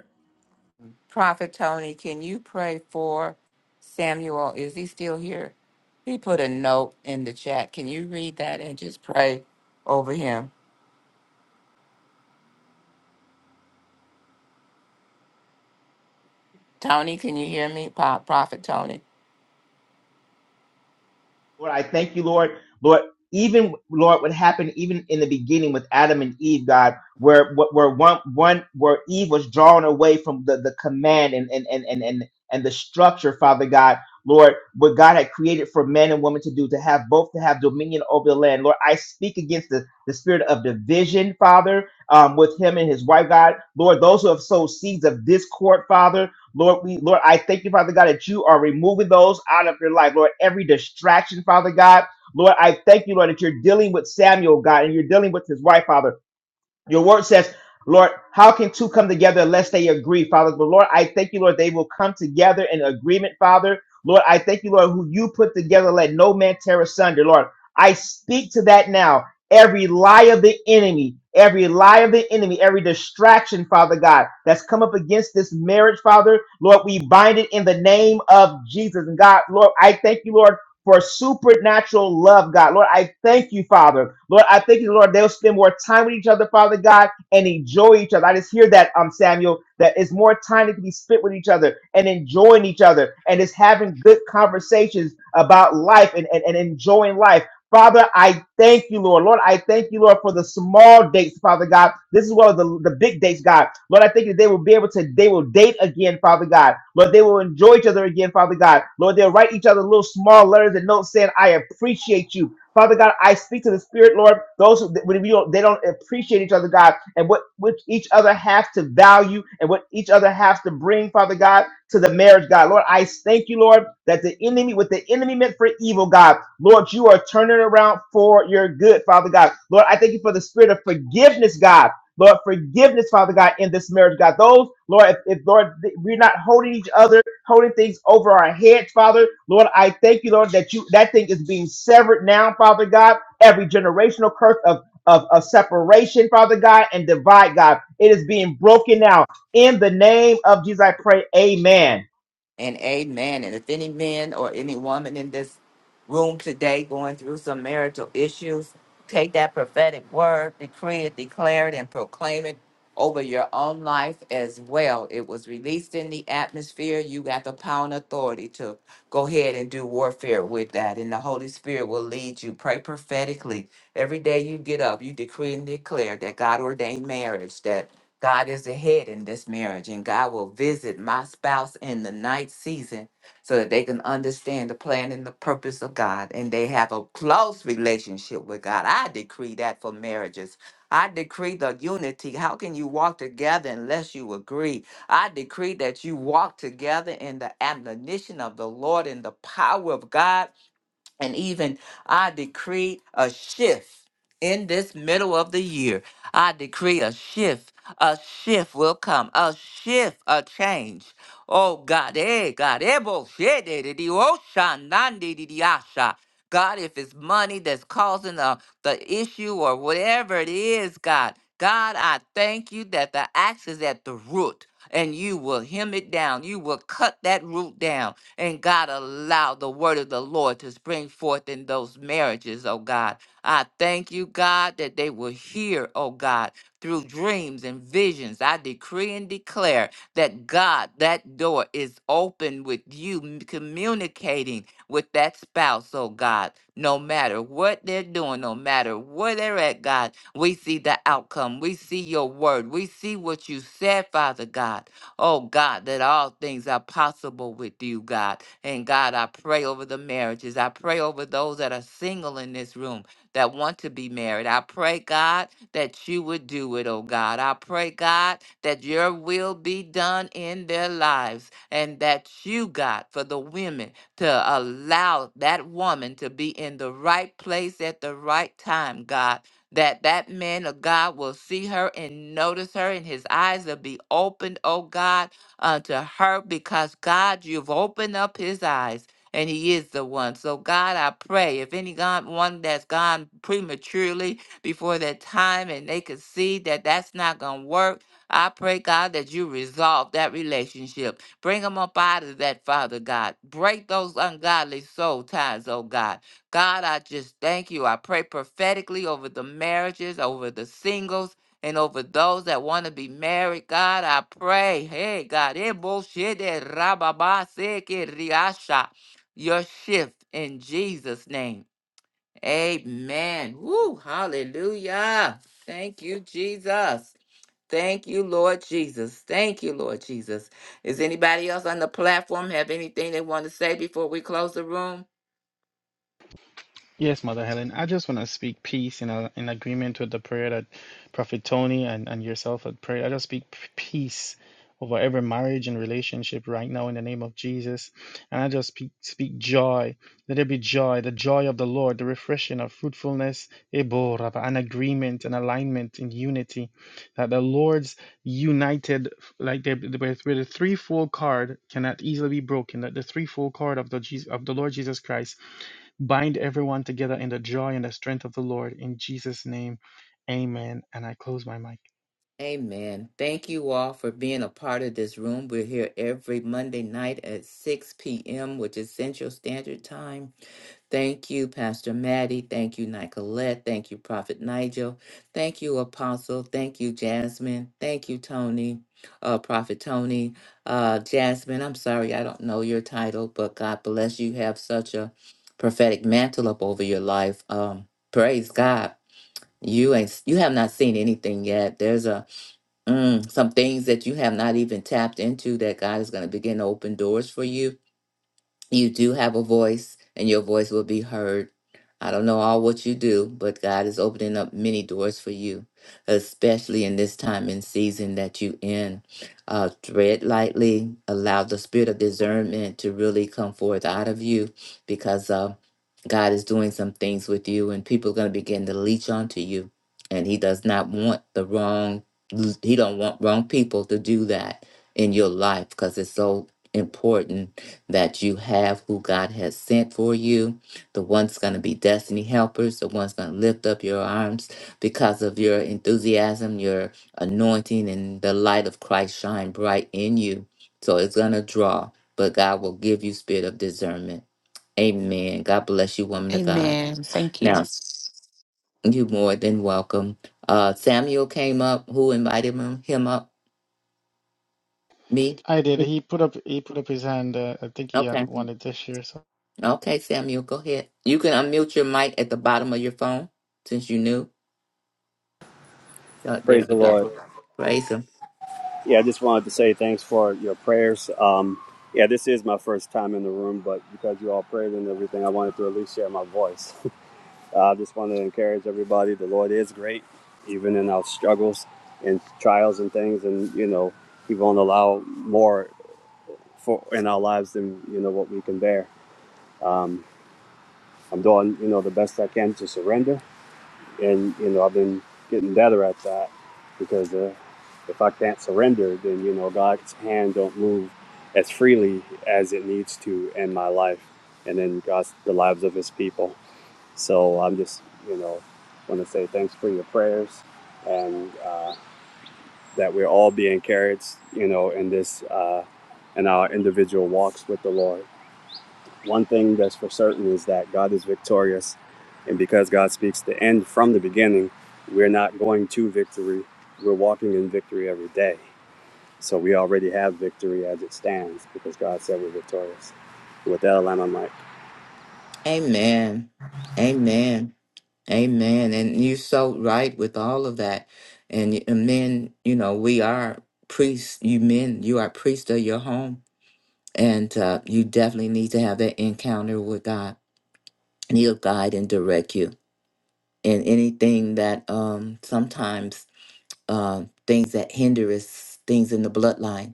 Speaker 1: Prophet Tony, can you pray for Samuel? Is he still here? He put a note in the chat. Can you read that and just pray over him? Tony, can you hear me? Po- Prophet
Speaker 8: Lord, I thank you, Lord. Lord, even Lord, what happened even in the beginning with Adam and Eve, God, where where one one where Eve was drawn away from the, the command and and, and and and and the structure, Father God, Lord, what God had created for man and woman to do, to have both to have dominion over the land. Lord, I speak against the, the spirit of division, Father, um, with him and his wife, God. Lord, those who have sowed seeds of discord, Father. Lord, we Lord, I thank you, Father God, that you are removing those out of their life. Lord, every distraction, Father God. Lord, I thank you, Lord, that you're dealing with Samuel, God, and you're dealing with his wife, Father. Your word says, Lord, how can two come together unless they agree, Father? But Lord, I thank you, Lord, they will come together in agreement, Father. Lord, I thank you, Lord, who you put together, let no man tear asunder. Lord, I speak to that now. Every lie of the enemy, every lie of the enemy, every distraction, Father God, that's come up against this marriage, Father, Lord, we bind it in the name of Jesus. And God, Lord, I thank you, Lord for supernatural love, God. Lord, I thank you, Father. Lord, I thank you, Lord, they'll spend more time with each other, Father God, and enjoy each other. I just hear that, um, Samuel, that it's more time that can be spent with each other and enjoying each other and just having good conversations about life and, and, and enjoying life. Father, I thank you, Lord. Lord, I thank you, Lord, for the small dates, Father God. This is one of the, the big dates, God. Lord, I think that they will be able to, they will date again, Father God. Lord, they will enjoy each other again, Father God. Lord, they'll write each other little small letters and notes saying, I appreciate you. Father God, I speak to the Spirit, Lord. Those who when we don't, they don't appreciate each other, God, and what which each other has to value and what each other has to bring, Father God to the marriage, God. Lord, I thank you, Lord, that the enemy, what the enemy meant for evil, God, Lord, you are turning around for your good, Father God. Lord, I thank you for the spirit of forgiveness, God. Lord, forgiveness, Father God, in this marriage, God. Those, Lord, if, if Lord, th- we're not holding each other, holding things over our heads, Father. Lord, I thank you, Lord, that you that thing is being severed now, Father God. Every generational curse of of, of separation, Father God, and divide, God. It is being broken now in the name of Jesus, I pray. Amen.
Speaker 1: and amen. And if any men or any woman in this room today going through some marital issues, take that prophetic word, decree it, declare it, and proclaim it over your own life as well. It was released in the atmosphere. You got the power and authority to go ahead and do warfare with that. And the Holy Spirit will lead you. Pray prophetically. Every day you get up, you decree and declare that God ordained marriage, that God is the head in this marriage, and God will visit my spouse in the night season so that they can understand the plan and the purpose of God and they have a close relationship with God. I decree that for marriages. I decree the unity. How can you walk together unless you agree? I decree that you walk together in the admonition of the Lord and the power of God and even I decree a shift in this middle of the year. I decree a shift. A shift will come. A shift, a change. Oh God, eh, God, eh, bo- shit, eh, di- di- oh, sha, nan, di- di- di, ah, sha. God, if it's money that's causing the, the issue or whatever it is, God, God, I thank you that the axe is at the root and you will hem it down. You will cut that root down. And God, allow the word of the Lord to spring forth in those marriages, oh God. I thank you, God, that they will hear, oh God, through dreams and visions. I decree and declare that God, that door is open with you m- communicating with that spouse, oh God, no matter what they're doing, no matter where they're at, God. We see the outcome. We see your word. We see what you said, Father God. Oh, God, that all things are possible with you, God. And God, I pray over the marriages. I pray over those that are single in this room that want to be married. I pray, God, that you would do it, oh God. I pray, God, that your will be done in their lives and that you, God, for the women to allow that woman to be in the right place at the right time, God that that man of God will see her and notice her, and his eyes will be opened, oh God, unto her, because God, you've opened up his eyes. And he is the one. So God, I pray if any God one that's gone prematurely before that time and they could see that that's not gonna work, I pray God that you resolve that relationship. Bring them up out of that, Father God. Break those ungodly soul ties, oh God God, I just thank you. I pray prophetically over the marriages, over the singles, and over those that want to be married. God, I pray. Hey, God, eh, bullshit, eh, rababa, seke, riasha. your shift in Jesus' name. Amen. Woo, hallelujah. Thank you, Jesus. Thank you, Lord Jesus. Thank you, Lord Jesus. Is anybody else on the platform have anything they want to say before we close the room?
Speaker 6: Yes, Mother Helen, I just want to speak peace in, a, in agreement with the prayer that Prophet Tony and, and yourself had prayed. I just speak p- peace over every marriage and relationship right now in the name of Jesus. And I just speak, speak joy. Let there be joy, the joy of the Lord, the refreshing of fruitfulness, Ebo Rabba, an agreement, an alignment in unity. That the Lord's united, like the, the, with the threefold card cannot easily be broken, that the threefold card of the, Jesus, of the Lord Jesus Christ Bind everyone together in the joy and the strength of the Lord in Jesus' name. Amen. And I close my mic.
Speaker 1: Amen. Thank you all for being a part of this room. We're here every Monday night at 6 p.m., which is Central Standard Time. Thank you, Pastor Maddie. Thank you, Nicolette. Thank you, Prophet Nigel. Thank you, Apostle. Thank you, Jasmine. Thank you, Tony, uh, Prophet Tony. Uh, Jasmine, I'm sorry I don't know your title, but God bless you. Have such a prophetic mantle up over your life. Um, praise God. You ain't you have not seen anything yet. There's a Mm, some things that you have not even tapped into that God is going to begin to open doors for you you do have a voice and your voice will be heard. I don't know all what you do, but God is opening up many doors for you, especially in this time and season that you in. Uh, tread lightly, allow the spirit of discernment to really come forth out of you because uh, God is doing some things with you and people are going to begin to leech onto you. And he does not want the wrong, he don't want wrong people to do that in your life because it's so important that you have who God has sent for you. The one's going to be destiny helpers, the one's going to lift up your arms because of your enthusiasm, your anointing, and the light of Christ shine bright in you. So it's going to draw, but God will give you spirit of discernment. Amen. God bless you, woman of God.
Speaker 7: Amen. Thank you.
Speaker 1: Now, you more than welcome. Uh, Samuel came up. Who invited him, him up? Me?
Speaker 6: I did. He put up he put up his hand. Uh, I think he uh,
Speaker 1: Okay.
Speaker 6: wanted to share something.
Speaker 1: Okay, Samuel, go ahead. You can unmute your mic at the bottom of your phone since you knew. Oh, there
Speaker 9: Praise
Speaker 1: you
Speaker 9: the Lord.
Speaker 1: go. Praise him.
Speaker 9: Yeah, I just wanted to say thanks for your prayers. Um, yeah, this is my first time in the room, but because you all prayed and everything, I wanted to at least share my voice. <laughs> I just wanted to encourage everybody. The Lord is great, even in our struggles and trials and things, and you know, He won't allow more for in our lives than you know what we can bear. Um, I'm doing you know the best I can to surrender and you know I've been getting better at that because uh, if I can't surrender, then you know God's hand don't move as freely as it needs to in my life, and in God's the lives of His people. So I'm just you know want to say thanks for your prayers and uh, that we're all being encouraged, you know, in this uh, in our individual walks with the Lord. One thing that's for certain is that God is victorious. And because God speaks the end from the beginning, we're not going to victory. We're walking in victory every day. So we already have victory as it stands because God said we're victorious. With that, I'll land my mic.
Speaker 1: Amen. Amen. Amen. And you're so right with all of that. And, and men, you know, we are priests. You men, you are priests of your home. And uh, you definitely need to have that encounter with God. And he'll guide and direct you in anything that um, sometimes uh, things that hinder us, things in the bloodline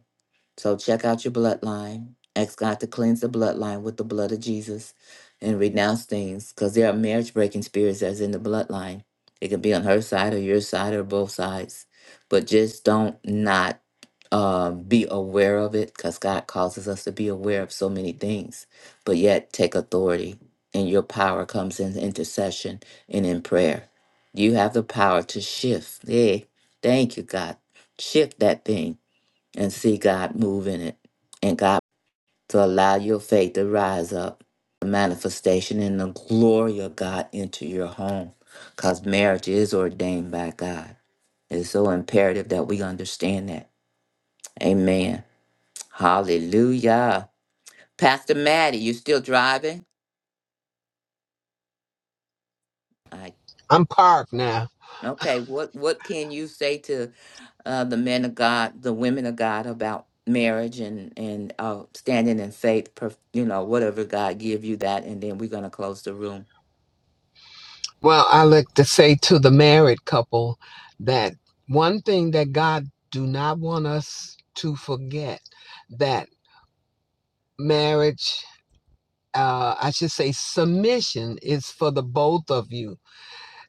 Speaker 1: So check out your bloodline. Ask God to cleanse the bloodline with the blood of Jesus and renounce things because there are marriage breaking spirits that's in the bloodline. It can be on her side or your side or both sides. But just don't not uh, be aware of it because God causes us to be aware of so many things, but yet take authority. And your power comes in intercession and in prayer. You have the power to shift. Hey, Thank you, God. Shift that thing and see God move in it and God to allow your faith to rise up, the manifestation and the glory of God into your home. Because marriage is ordained by God. It's so imperative that we understand that. Amen. Hallelujah. Pastor Maddie, you still driving? I
Speaker 2: I'm parked now.
Speaker 1: okay. What what can you say to uh, the men of God, the women of God about marriage and and uh, standing in faith. per- You know, whatever God give you that, and then we're gonna close the room.
Speaker 2: Well, I like to say to the married couple that one thing that God do not want us to forget that marriage, uh, I should say submission is for the both of you.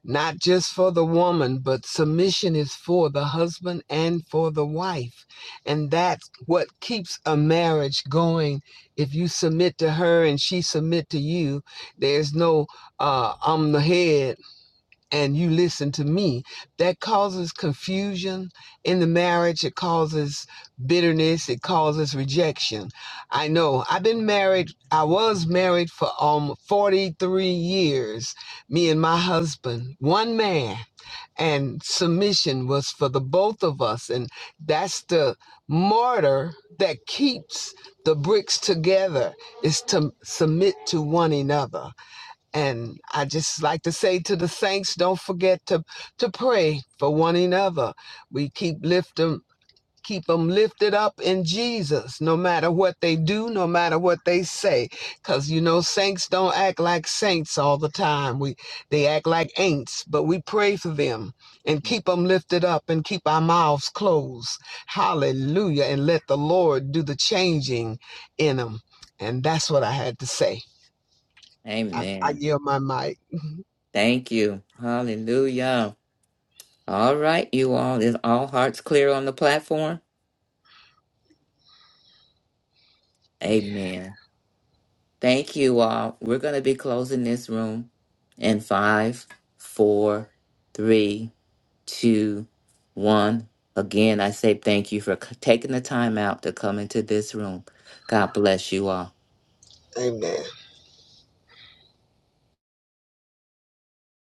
Speaker 2: not just for the woman, but submission is for the husband and for the wife. And that's what keeps a marriage going. If you submit to her and she submit to you, there's no uh, I'm the head and you listen to me, that causes confusion in the marriage. It causes bitterness. It causes rejection. I know I've been married. I was married for um 43 years, me and my husband, one man. And submission was for the both of us. And that's the mortar that keeps the bricks together is to submit to one another. And I just like to say to the saints, don't forget to to pray for one another. We keep lift them, keep them lifted up in Jesus, no matter what they do, no matter what they say. Cause you know, saints don't act like saints all the time. We they act like ain'ts, but we pray for them and keep them lifted up and keep our mouths closed. Hallelujah. And let the Lord do the changing in them. And that's what I had to say. I, I
Speaker 1: Amen.
Speaker 2: yield my mic.
Speaker 1: Thank you. Hallelujah. All right, you all. Is all hearts clear on the platform? Amen. Thank you all. We're going to be closing this room in five, four, three, two, one. Again, I say thank you for c- taking the time out to come into this room. God bless you all.
Speaker 2: Amen.